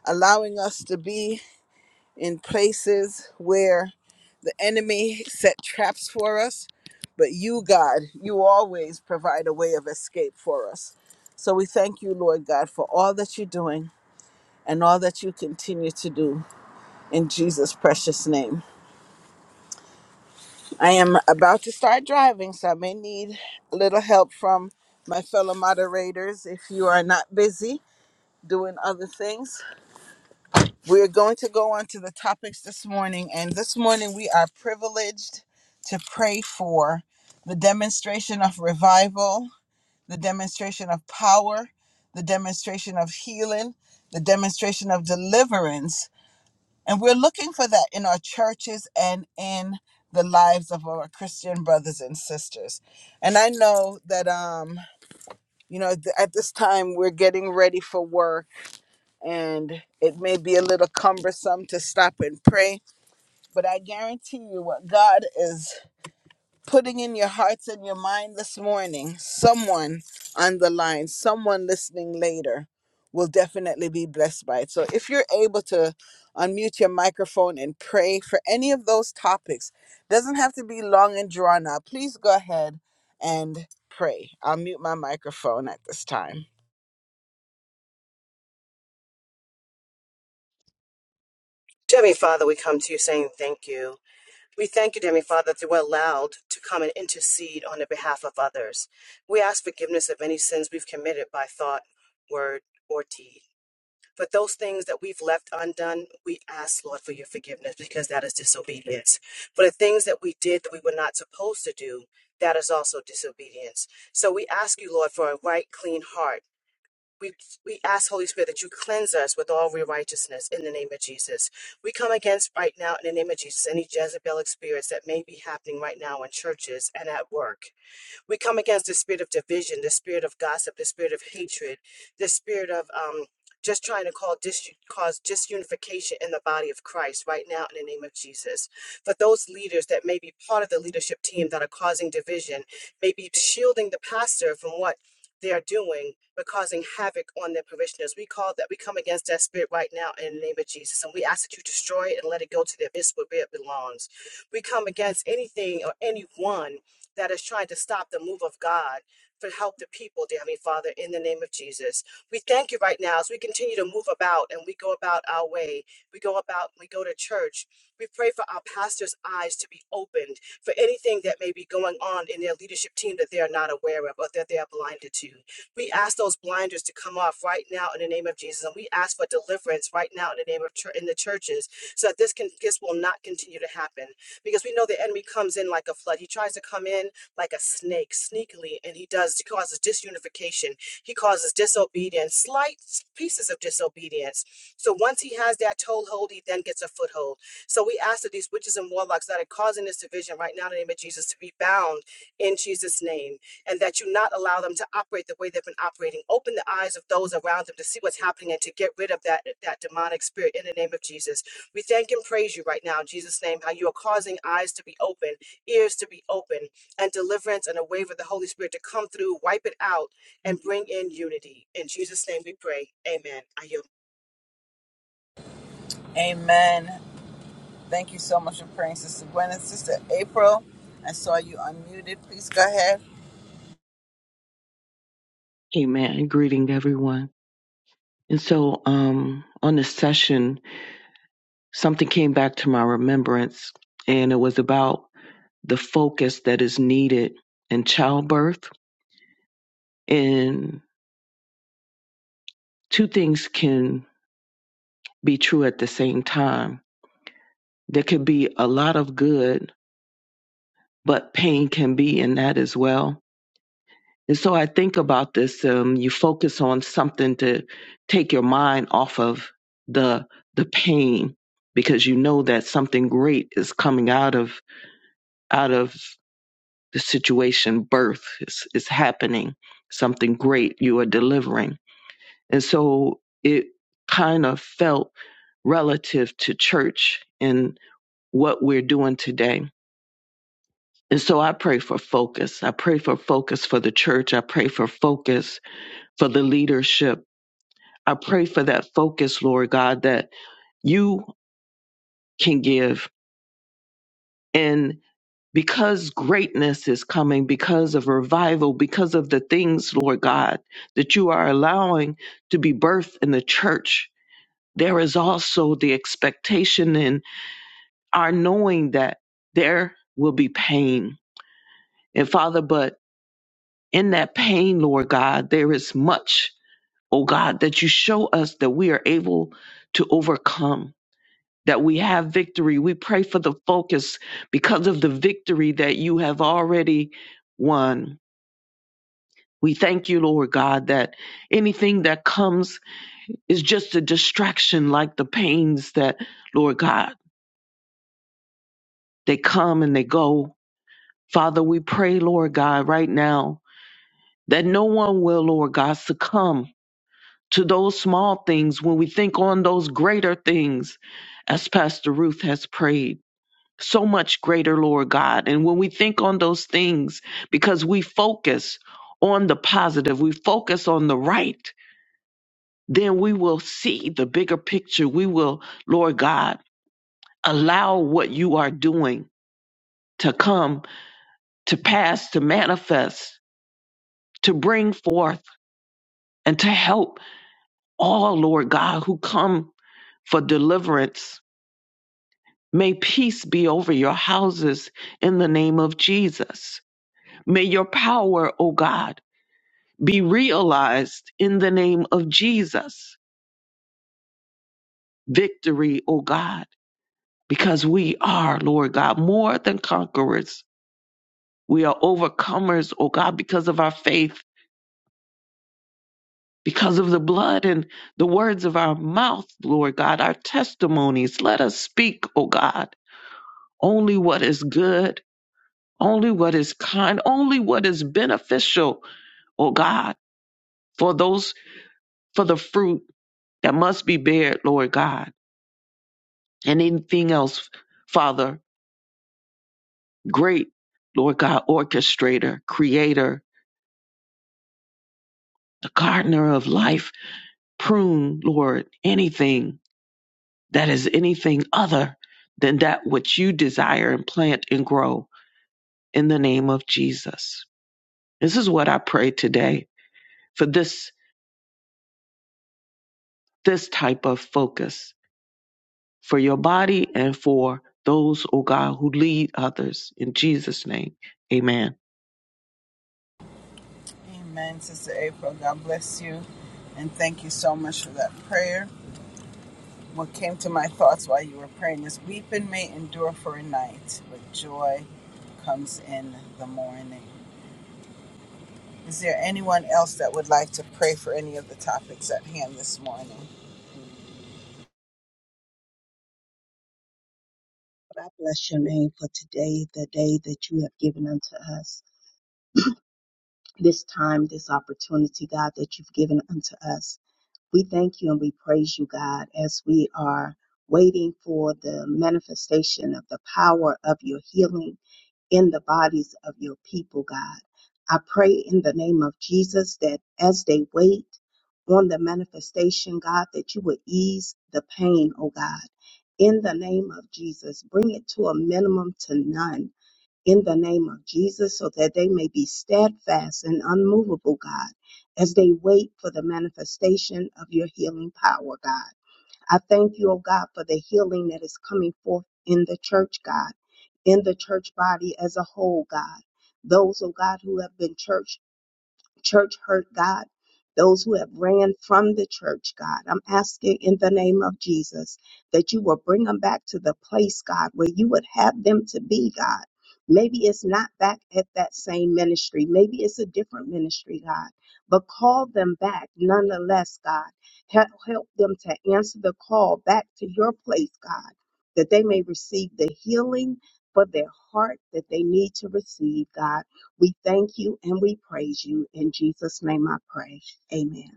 Speaker 1: allowing us to be in places where the enemy set traps for us. But you, God, you always provide a way of escape for us. So we thank you, Lord God, for all that you're doing and all that you continue to do in Jesus' precious name. I am about to start driving, so I may need a little help from my fellow moderators if you are not busy doing other things. We're going to go on to the topics this morning, and this morning we are privileged to pray for the demonstration of revival, the demonstration of power, the demonstration of healing, the demonstration of deliverance. And we're looking for that in our churches and in the lives of our Christian brothers and sisters. And I know that um you know th- at this time we're getting ready for work and it may be a little cumbersome to stop and pray, but I guarantee you what God is putting in your hearts and your mind this morning, someone on the line, someone listening later will definitely be blessed by it. So if you're able to unmute your microphone and pray for any of those topics, doesn't have to be long and drawn out. Please go ahead and pray. I'll mute my microphone at this time.
Speaker 5: Dear Heavenly Father, we come to you saying thank you. We thank you, dear Heavenly Father, that you were allowed to come and intercede on the behalf of others. We ask forgiveness of any sins we've committed by thought, word, or deed. For those things that we've left undone, we ask, Lord, for your forgiveness because that is disobedience. For the things that we did that we were not supposed to do, that is also disobedience. So we ask you, Lord, for a right, clean heart we we ask Holy Spirit that you cleanse us with all real righteousness in the name of Jesus. We come against right now in the name of Jesus any Jezebelic spirits that may be happening right now in churches and at work. We come against the spirit of division, the spirit of gossip, the spirit of hatred, the spirit of um, just trying to call dis- cause disunification in the body of Christ right now in the name of Jesus. For those leaders that may be part of the leadership team that are causing division, may be shielding the pastor from what they are doing, but causing havoc on their parishioners. We call that, we come against that spirit right now in the name of Jesus, and we ask that you destroy it and let it go to the abyss where it belongs. We come against anything or anyone that is trying to stop the move of God for help the people, dear Heavenly Father, in the name of Jesus. We thank you right now as we continue to move about and we go about our way. We go about, we go to church. We pray for our pastor's eyes to be opened for anything that may be going on in their leadership team that they are not aware of or that they are blinded to. We ask those blinders to come off right now in the name of Jesus. And we ask for deliverance right now in the name of chur- in the churches so that this can this will not continue to happen because we know the enemy comes in like a flood. He tries to come in like a snake, sneakily, and he does, he causes disunification. He causes disobedience, slight pieces of disobedience. So once he has that toehold, he then gets a foothold. So we ask that these witches and warlocks that are causing this division right now in the name of Jesus to be bound in Jesus' name, and that you not allow them to operate the way they've been operating. Open the eyes of those around them to see what's happening and to get rid of that, that demonic spirit in the name of Jesus. We thank and praise you right now in Jesus' name, how you are causing eyes to be open, ears to be open, and deliverance and a wave of the Holy Spirit to come through, wipe it out, and bring in unity. In Jesus' name we pray. Amen. I yield
Speaker 1: Amen. Thank you so much for praying, Sister Gwen and Sister April. I saw you unmuted. Please go ahead.
Speaker 2: Amen. Greeting everyone. And so um, on this session, something came back to my remembrance, and it was about the focus that is needed in childbirth. And two things can be true at the same time. There could be a lot of good, but pain can be in that as well. And so I think about this. Um, you focus on something to take your mind off of the the pain because you know that something great is coming out of out of the situation birth is, is happening something great you are delivering and so it kind of felt relative to church and what we're doing today and so i pray for focus i pray for focus for the church i pray for focus for the leadership i pray for that focus lord god that you can give and. because greatness is coming, because of revival, because of the things, Lord God, that you are allowing to be birthed in the church, there is also the expectation in our knowing that there will be pain. And Father, but in that pain, Lord God, there is much, oh God, that you show us that we are able to overcome. That we have victory. We pray for the focus because of the victory that you have already won We thank you, Lord God, that anything that comes is just a distraction, like the pains that, Lord God, they come and they go. Father, we pray, Lord God, right now that no one will, Lord God, succumb to those small things when we think on those greater things, as Pastor Ruth has prayed. So much greater, Lord God. And when we think on those things, because we focus on the positive, we focus on the right then we will see the bigger picture. We will, Lord God, allow what you are doing to come, to pass, to manifest, to bring forth, and to help all, Lord God, who come for deliverance. May peace be over your houses in the name of Jesus. May your power, O God, be realized in the name of Jesus. Victory, O God, because we are, Lord God, more than conquerors We are overcomers, oh God, because of our faith, because of the blood and the words of our mouth, Lord God, our testimonies. Let us speak, oh God, only what is good, only what is kind, only what is beneficial, oh God, for those, for the fruit that must be bared, Lord God, and anything else, Father, great, Lord God, orchestrator, creator, the gardener of life, prune, Lord, anything that is anything other than that which you desire and plant and grow in the name of Jesus. This is what I pray today for this this type of focus for your body and for those, oh God, who lead others in Jesus' name. Amen.
Speaker 1: Amen, Sister April. God bless you. And thank you so much for that prayer. What came to my thoughts while you were praying is weeping may endure for a night, but joy comes in the morning. Is there anyone else that would like to pray for any of the topics at hand this morning?
Speaker 6: I bless your name for today, the day that you have given unto us, this time, this opportunity, God, that you've given unto us. We thank you and we praise you, God, as we are waiting for the manifestation of the power of your healing in the bodies of your people, God. I pray in the name of Jesus that as they wait on the manifestation, God, that you would ease the pain, oh God. In the name of Jesus, bring it to a minimum to none in the name of Jesus so that they may be steadfast and unmovable, God, as they wait for the manifestation of your healing power, God. I thank you, oh God, for the healing that is coming forth in the church, God, in the church body as a whole, God. Those, oh God, who have been church church hurt, God. Those who have ran from the church, God. I'm asking in the name of Jesus that you will bring them back to the place, God, where you would have them to be, God. Maybe it's not back at that same ministry. Maybe it's a different ministry, God. But call them back nonetheless, God. Help, help them to answer the call back to your place, God, that they may receive the healing for their heart that they need to receive, God. We thank you and we praise you. In Jesus' name I pray. Amen.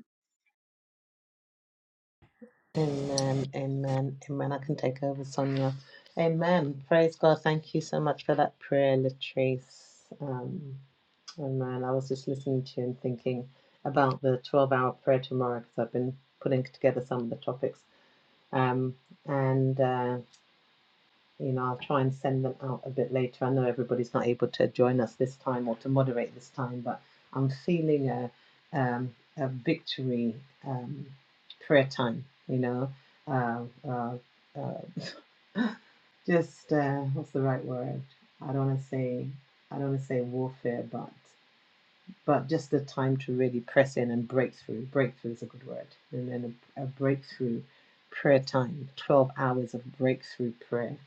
Speaker 3: Amen, amen, amen. I can take over, Sonia. Amen. Praise God. Thank you so much for that prayer, Latrice. Um, amen. I was just listening to you and thinking about the 12 hour prayer tomorrow because I've been putting together some of the topics. Um, and uh, you know, I'll try and send them out a bit later. I know everybody's not able to join us this time or to moderate this time, but I'm feeling a um, a victory um, prayer time. You know, uh, uh, uh, just uh, what's the right word? I don't want to say I don't want to say warfare, but but just the time to really press in and break through. Breakthrough is a good word. And then a, a breakthrough prayer time, 12 hours of breakthrough prayer.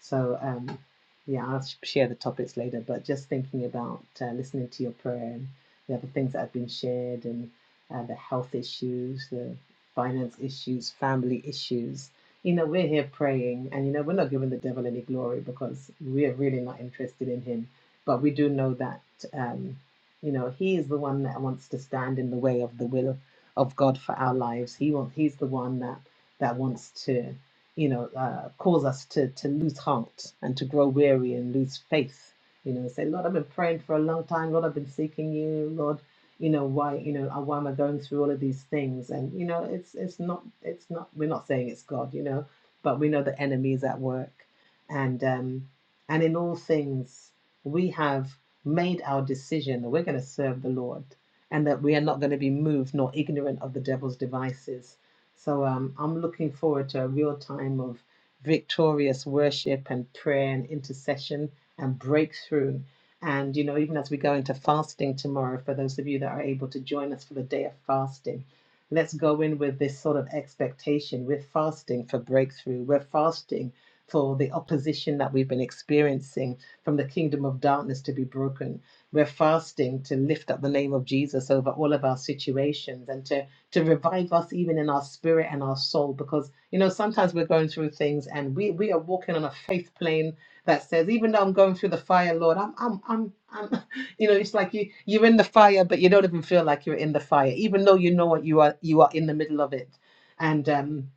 Speaker 3: So, um, yeah, I'll share the topics later, but just thinking about uh, listening to your prayer and the other things that have been shared and uh, the health issues, the finance issues, family issues. You know, we're here praying and, you know, we're not giving the devil any glory because we're really not interested in him. But we do know that. Um, you know, He is the one that wants to stand in the way of the will of God for our lives. He wants, He's the one that that wants to, you know, uh, cause us to to lose heart and to grow weary and lose faith. You know, say, Lord, I've been praying for a long time. Lord, I've been seeking you. Lord, you know why? You know, uh, why am I going through all of these things? And you know, it's it's not it's not. We're not saying it's God. You know, but we know the enemy is at work, and um, and in all things we have made our decision that we're going to serve the Lord and that we are not going to be moved nor ignorant of the devil's devices. So um, I'm looking forward to a real time of victorious worship and prayer and intercession and breakthrough. And, you know, even as we go into fasting tomorrow, for those of you that are able to join us for the day of fasting, let's go in with this sort of expectation. We're fasting for breakthrough, we're fasting for the opposition that we've been experiencing from the kingdom of darkness to be broken. We're fasting to lift up the name of Jesus over all of our situations and to, to revive us even in our spirit and our soul because, you know, sometimes we're going through things and we, we are walking on a faith plane that says, even though I'm going through the fire, Lord, I'm, I'm, I'm, I'm, you know, it's like you, you're in the fire, but you don't even feel like you're in the fire, even though you know what you are, you are in the middle of it. And, um,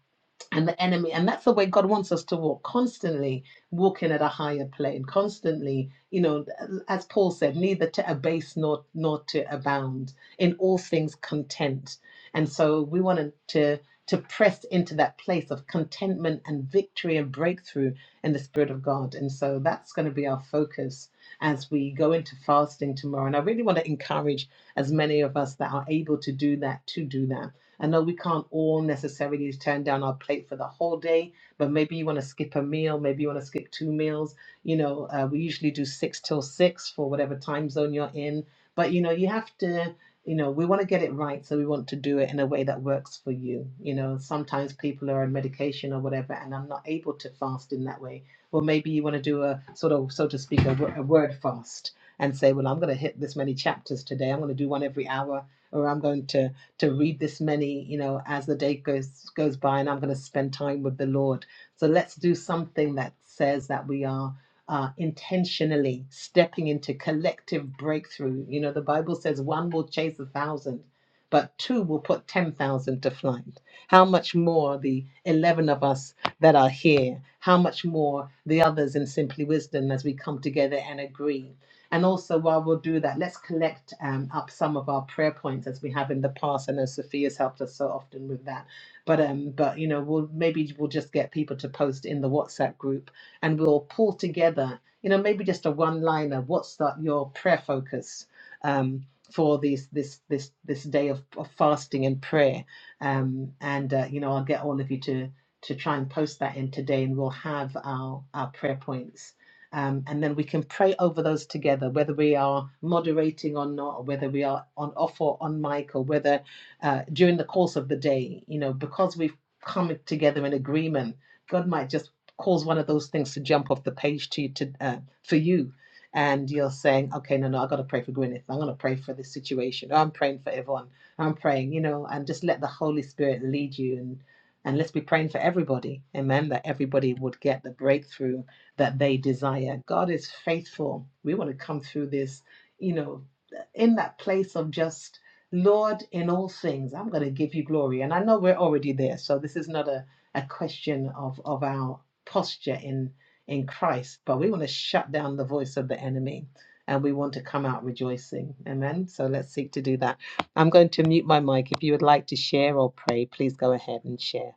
Speaker 3: and the enemy. And that's the way God wants us to walk constantly walking at a higher plane, constantly, you know, as Paul said, neither to abase nor, nor to abound, in all things content. And so we wanted to to press into that place of contentment and victory and breakthrough in the Spirit of God. And so that's going to be our focus as we go into fasting tomorrow. And I really want to encourage as many of us that are able to do that to do that I know we can't all necessarily turn down our plate for the whole day, but maybe you want to skip a meal, maybe you want to skip two meals. You know, uh, we usually do six till six for whatever time zone you're in. But, you know, you have to, you know, we want to get it right. So we want to do it in a way that works for you. You know, sometimes people are on medication or whatever, and I'm not able to fast in that way. Or maybe you want to do a sort of, so to speak, a, wo- a word fast and say, well, I'm going to hit this many chapters today. I'm going to do one every hour or I'm going to to read this many, you know, as the day goes goes by, and I'm going to spend time with the Lord. So let's do something that says that we are uh, intentionally stepping into collective breakthrough. You know, the Bible says one will chase a thousand, but two will put ten thousand to flight. How much more the eleven of us that are here? How much more the others in Simply Wisdom as we come together and agree? And also, while we'll do that, let's collect um, up some of our prayer points as we have in the past. I know Sophia's helped us so often with that. But um, but you know, we'll maybe we'll just get people to post in the WhatsApp group, and we'll pull together. You know, maybe just a one-liner. What's that, your prayer focus um, for these this this this day of, of fasting and prayer? Um, and uh, you know, I'll get all of you to to try and post that in today, and we'll have our our prayer points um, and then we can pray over those together, whether we are moderating or not, or whether we are on off or on mic, or whether uh, during the course of the day, you know, because we've come together in agreement, God might just cause one of those things to jump off the page to you to uh, for you. And you're saying, okay, no, no, I got to pray for Gwyneth. I'm going to pray for this situation. I'm praying for everyone. I'm praying, you know, and just let the Holy Spirit lead you. And, and let's be praying for everybody. Amen. That everybody would get the breakthrough that they desire. God is faithful. We want to come through this, you know, in that place of just, Lord, in all things, I'm going to give you glory. And I know we're already there. So this is not a, a question of, of our posture in, in Christ, but we want to shut down the voice of the enemy and we want to come out rejoicing. Amen. So let's seek to do that. I'm going to mute my mic. If you would like to share or pray, please go ahead and share.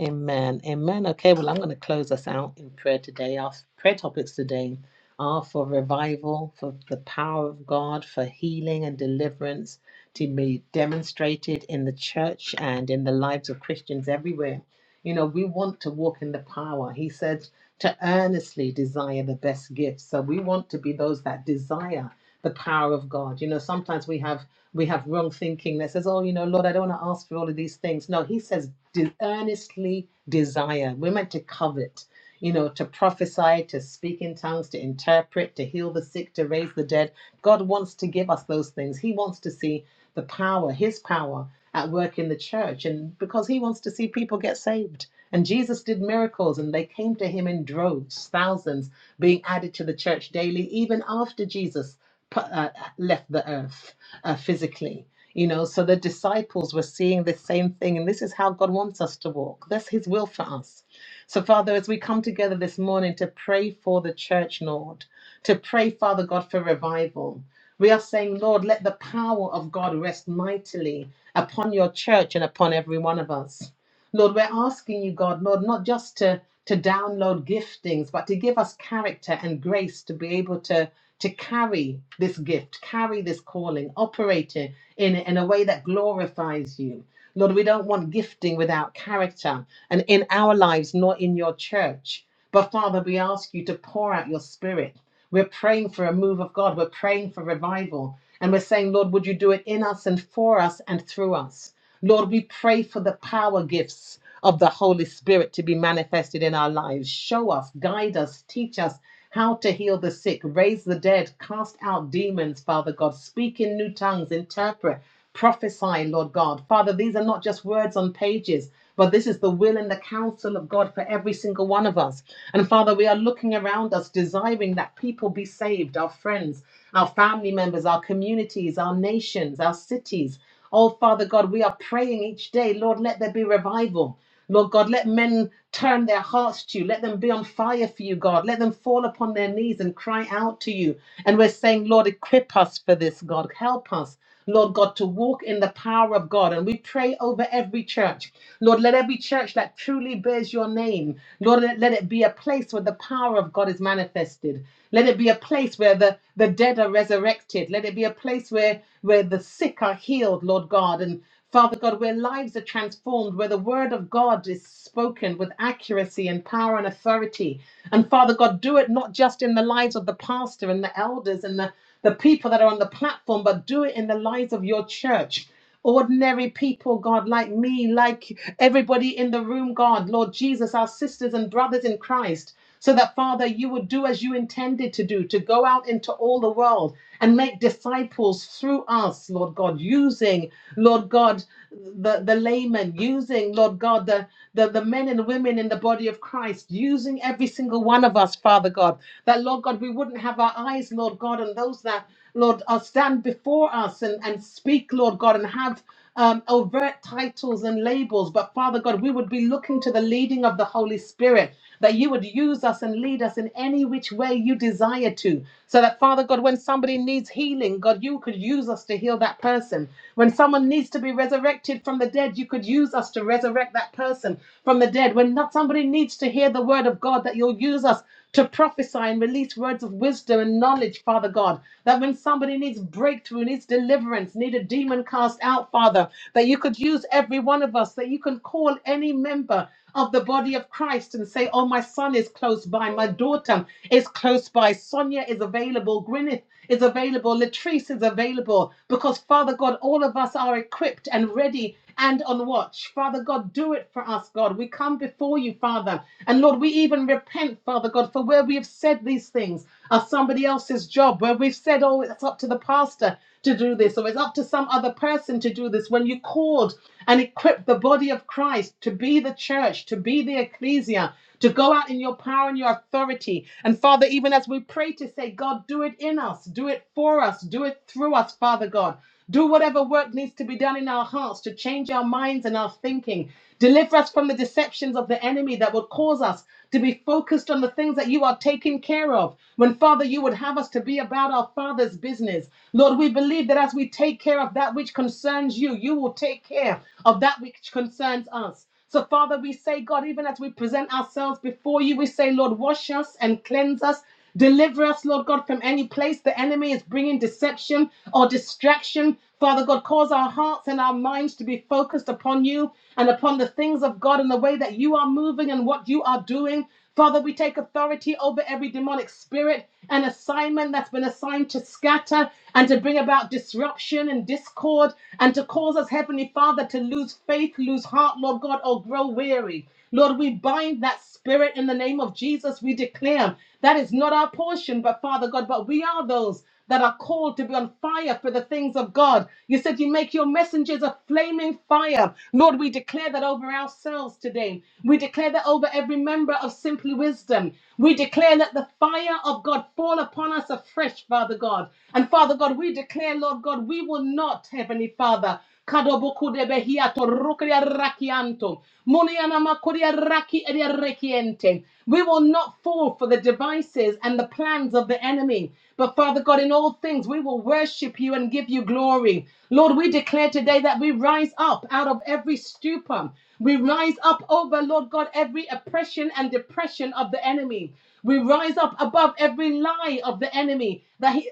Speaker 3: Amen. Amen. Okay, well, I'm going to close us out in prayer today. Our prayer topics today are for revival, for the power of God, for healing and deliverance to be demonstrated in the church and in the lives of Christians everywhere. You know, we want to walk in the power. He said to earnestly desire the best gifts. So we want to be those that desire the power of God. You know, sometimes we have we have wrong thinking that says, "Oh, you know, Lord, I don't want to ask for all of these things." No, he says de- earnestly desire. We're meant to covet, you know, to prophesy, to speak in tongues, to interpret, to heal the sick, to raise the dead. God wants to give us those things. He wants to see the power, His power at work in the church, and because He wants to see people get saved. And Jesus did miracles, and they came to Him in droves, thousands being added to the church daily, even after Jesus uh, left the earth uh, physically. You know, so the disciples were seeing the same thing, and this is how God wants us to walk. That's His will for us. So, Father, as we come together this morning to pray for the church, Lord, to pray, Father God, for revival, we are saying, Lord, let the power of God rest mightily upon your church and upon every one of us. Lord, we're asking you, God, Lord, not just to, to download giftings, but to give us character and grace to be able to, to carry this gift, carry this calling, operate it in, in a way that glorifies you. Lord, we don't want gifting without character and in our lives, nor in your church. But Father, we ask you to pour out your spirit. We're praying for a move of God. We're praying for revival. And we're saying, Lord, would you do it in us and for us and through us? Lord, we pray for the power gifts of the Holy Spirit to be manifested in our lives. Show us, guide us, teach us how to heal the sick, raise the dead, cast out demons, Father God, speak in new tongues, interpret, prophesy, Lord God. Father, these are not just words on pages. But this is the will and the counsel of God for every single one of us. And Father, we are looking around us, desiring that people be saved, our friends, our family members, our communities, our nations, our cities. Oh, Father God, we are praying each day. Lord, let there be revival. Lord God, let men turn their hearts to you. Let them be on fire for you, God. Let them fall upon their knees and cry out to you. And we're saying, Lord, equip us for this, God. Help us, Lord God, to walk in the power of God. And we pray over every church. Lord, let every church that truly bears your name, Lord, let, let it be a place where the power of God is manifested. Let it be a place where the, the dead are resurrected. Let it be a place place where, where the sick are healed, Lord God, and Father God, where lives are transformed, where the word of God is spoken with accuracy and power and authority. And Father God, do it not just in the lives of the pastor and the elders and the, the people that are on the platform, but do it in the lives of your church ordinary people, God, like me, like everybody in the room, God, Lord Jesus, our sisters and brothers in Christ, so that, Father, you would do as you intended to do, to go out into all the world and make disciples through us, Lord God, using, Lord God, the, the laymen, using, Lord God, the, the, the men and women in the body of Christ, using every single one of us, Father God, that, Lord God, we wouldn't have our eyes, Lord God, on those that Lord, uh, stand before us and, and speak, Lord. Lord God, and have um, overt titles and labels. But Father God, we would be looking to the leading of the Holy Spirit, that you would use us and lead us in any which way you desire to. So that, Father God, when somebody needs healing, God, you could use us to heal that person. When someone needs to be resurrected from the dead, you could use us to resurrect that person from the dead. When not somebody needs to hear the word of God, that you'll use us to prophesy and release words of wisdom and knowledge, Father God. That when somebody needs breakthrough, needs deliverance, needs needed demon cast out, Father, that you could use every one of us, that you can call any member of the body of Christ and say, Oh, my son is close by, my daughter is close by, Sonia is available, Gwyneth is available, Latrice is available, because Father God, all of us are equipped and ready and on watch. Father God, do it for us, God. We come before you, Father. And Lord, we even repent, Father God, for where we have said these things of somebody else's job, where we've said, oh, it's up to the pastor to do this, or it's up to some other person to do this. When you called and equipped the body of Christ to be the church, to be the ecclesia, to go out in your power and your authority. And Father, even as we pray to say, God, do it in us, do it for us, do it through us, Father God. Do whatever work needs to be done in our hearts to change our minds and our thinking. Deliver us from the deceptions of the enemy that would cause us to be focused on the things that you are taking care of. When, Father, you would have us to be about our Father's business. Lord, we believe that as we take care of that which concerns you, you will take care of that which concerns us. So, Father, we say, God, even as we present ourselves before you, we say, Lord, wash us and cleanse us Deliver us, Lord God, from any place the enemy is bringing deception or distraction. Father God, cause our hearts and our minds to be focused upon you and upon the things of God and the way that you are moving and what you are doing. Father, we take authority over every demonic spirit and assignment that's been assigned to scatter and to bring about disruption and discord and to cause us, Heavenly Father, to lose faith, lose heart, Lord God, or grow weary. Lord, we bind that spirit in the name of Jesus. We declare that is not our portion, but Father God, but we are those that are called to be on fire for the things of God. You said you make your messengers a flaming fire. Lord, we declare that over ourselves today. We declare that over every member of Simply Wisdom. We declare that the fire of God fall upon us afresh, Father God. And Father God, we declare, Lord God, we will not, Heavenly Father. Kadoboku de behiato rukria rakianto. Muniana makuria raki eria rekiente. We will not fall for the devices and the plans of the enemy. But Father God, in all things, we will worship you and give you glory. Lord, we declare today that we rise up out of every stupor. We rise up over, Lord God, every oppression and depression of the enemy. We rise up above every lie of the enemy that he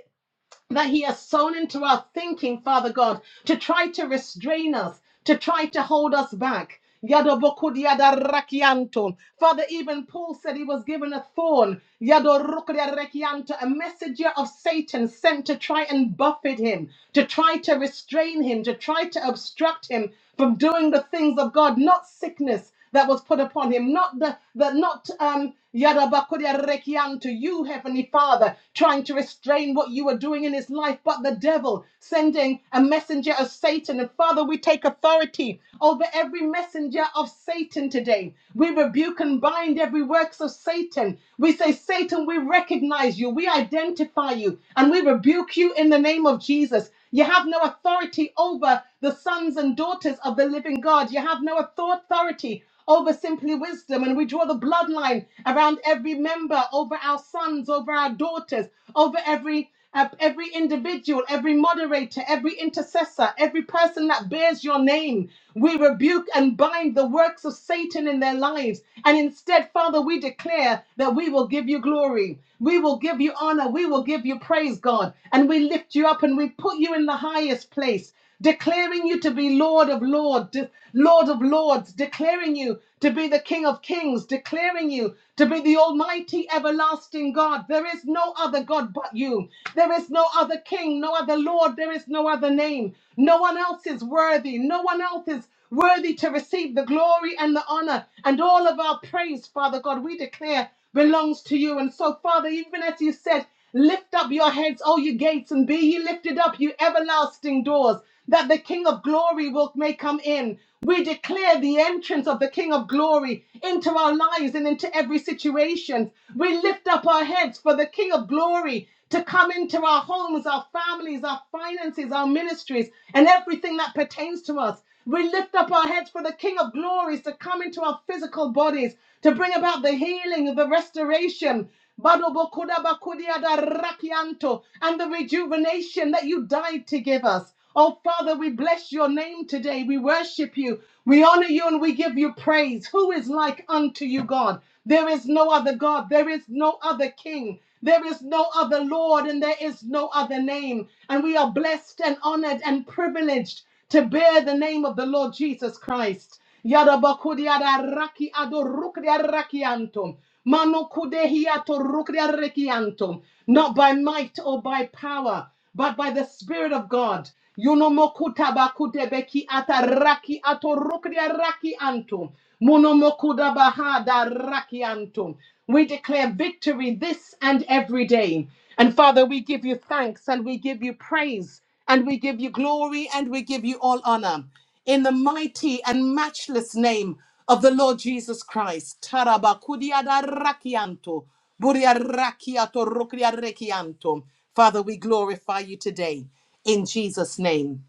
Speaker 3: that he has sown into our thinking, Father God, to try to restrain us, to try to hold us back. Yadobokodiadarakianto. Father, even Paul said he was given a thorn, Yadorokodiarakianto, a messenger of Satan sent to try and buffet him, to try to restrain him, to try to obstruct him from doing the things of God, not sickness that was put upon him, not the, the not um Yadabakudia to you, Heavenly Father, trying to restrain what you were doing in his life, but the devil sending a messenger of Satan. And Father, we take authority over every messenger of Satan today. We rebuke and bind every works of Satan. We say, Satan, we recognize you, we identify you, and we rebuke you in the name of Jesus. You have no authority over the sons and daughters of the living God. You have no author- authority over simply wisdom. And we draw the bloodline around every member, over our sons, over our daughters, over every. uh, every individual, every moderator, every intercessor, every person that bears your name, we rebuke and bind the works of Satan in their lives. And instead, Father, we declare that we will give you glory glory. We will give you honor. We will give you praise, God. And we lift you up and we put you in the highest place, declaring you to be Lord of Lords, Lord of Lords, declaring you to be the King of Kings, declaring you to be the Almighty, everlasting God. There is no other God but you. There is no other King, no other Lord. There is no other name. No one else is worthy. No one else is worthy to receive the glory and the honor and all of our praise, Father God. We declare belongs to you. And so, Father, even as you said, lift up your heads, O you gates, and be ye lifted up, you everlasting doors, that the King of glory will may come in. We declare the entrance of the King of glory into our lives and into every situation. We lift up our heads for the King of glory to come into our homes, our families, our finances, our ministries, and everything that pertains to us. We lift up our heads for the King of glories to come into our physical bodies, to bring about the healing, the restoration, Badobokudabakudiadarakianto, and the rejuvenation that you died to give us. Oh, Father, we bless your name today. We worship you. We honor you and we give you praise. Who is like unto you, God? There is no other God. There is no other King. There is no other Lord and there is no other name. And we are blessed and honored and privileged to bear the name of the Lord Jesus Christ. Yadabakudiada raki adorukria rakiantum. Manukudehiato rukria rekiantum. Not by might or by power, but by the Spirit of God. Yunomokutabakutabeki ataraki atorukria rakiantum. Munomokudabahada rakiantum. We declare victory this and every day. And Father, we give you thanks and we give you praise and we give you glory and we give you all honor. In the mighty and matchless name of the Lord Jesus Christ. Tarabakudiadarakianto, buriarakiato, rokriarekianto. Father, we glorify you today in Jesus' name.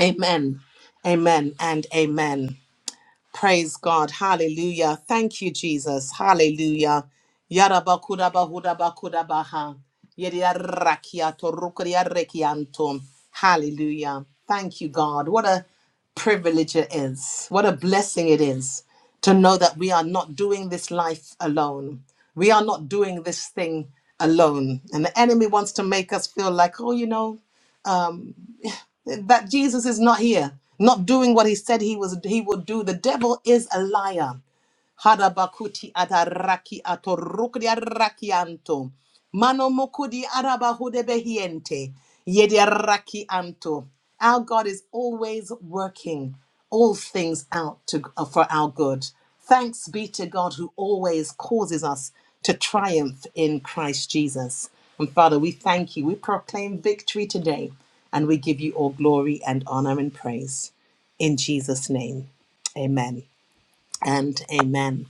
Speaker 3: Amen, amen, and amen. Praise God. Hallelujah. Thank you, Jesus. Hallelujah. Yarabakudabahudabakudabaha. Yediarakiato Hallelujah. Thank you, God. What a privilege it is. What a blessing it is to know that we are not doing this life alone. We are not doing this thing alone. And the enemy wants to make us feel like, oh, you know, that Jesus is not here, not doing what he said he was he would do. The devil is a liar. Harabakuti ataraki atorukri arrakianto. Mano mokudi arabahude behiente. Yedi arrakianto. Our God is always working all things out to, uh, for our good. Thanks be to God who always causes us to triumph in Christ Jesus. And Father, we thank you. We proclaim victory today and we give you all glory and honor and praise. In Jesus' name, amen and amen.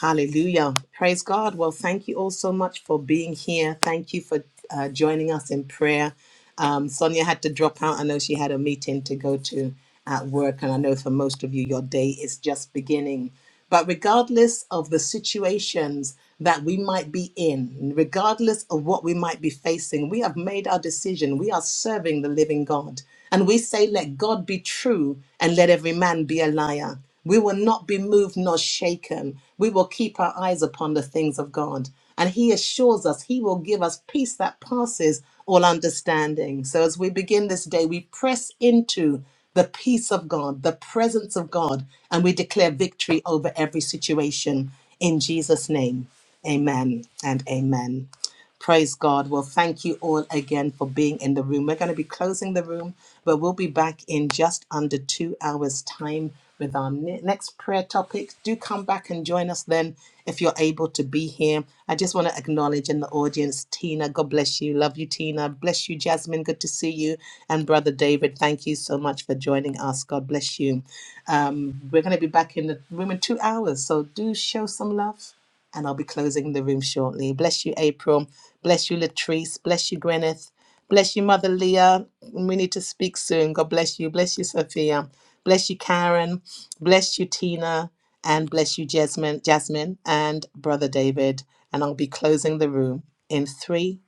Speaker 3: Hallelujah. Praise God. Well, thank you all so much for being here. Thank you for uh, joining us in prayer. Um, Sonia had to drop out. I know she had a meeting to go to at work, and I know for most of you, your day is just beginning. But regardless of the situations that we might be in, regardless of what we might be facing, we have made our decision. We are serving the living God. And we say, let God be true and let every man be a liar. We will not be moved nor shaken. We will keep our eyes upon the things of God. And He assures us He will give us peace that passes all understanding. So as we begin this day, we press into the peace of God, the presence of God, and we declare victory over every situation. In Jesus' name, amen and amen. Praise God. Well, thank you all again for being in the room. We're going to be closing the room, but we'll be back in just under two hours' time with our ne- next prayer topic. Do come back and join us then if you're able to be here. I just want to acknowledge in the audience Tina. God bless you. Love you, Tina. Bless you, Jasmine. Good to see you. And Brother David, thank you so much for joining us. God bless you. Um, we're going to be back in the room in two hours, so do show some love and I'll be closing the room shortly. Bless you, April. Bless you, Latrice. Bless you, Gwyneth. Bless you, Mother Leah. We need to speak soon. God bless you. Bless you, Sophia. Bless you, Karen. Bless you, Tina. And bless you, Jasmine, Jasmine and Brother David. And I'll be closing the room in three,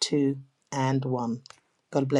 Speaker 3: two, and one. God bless.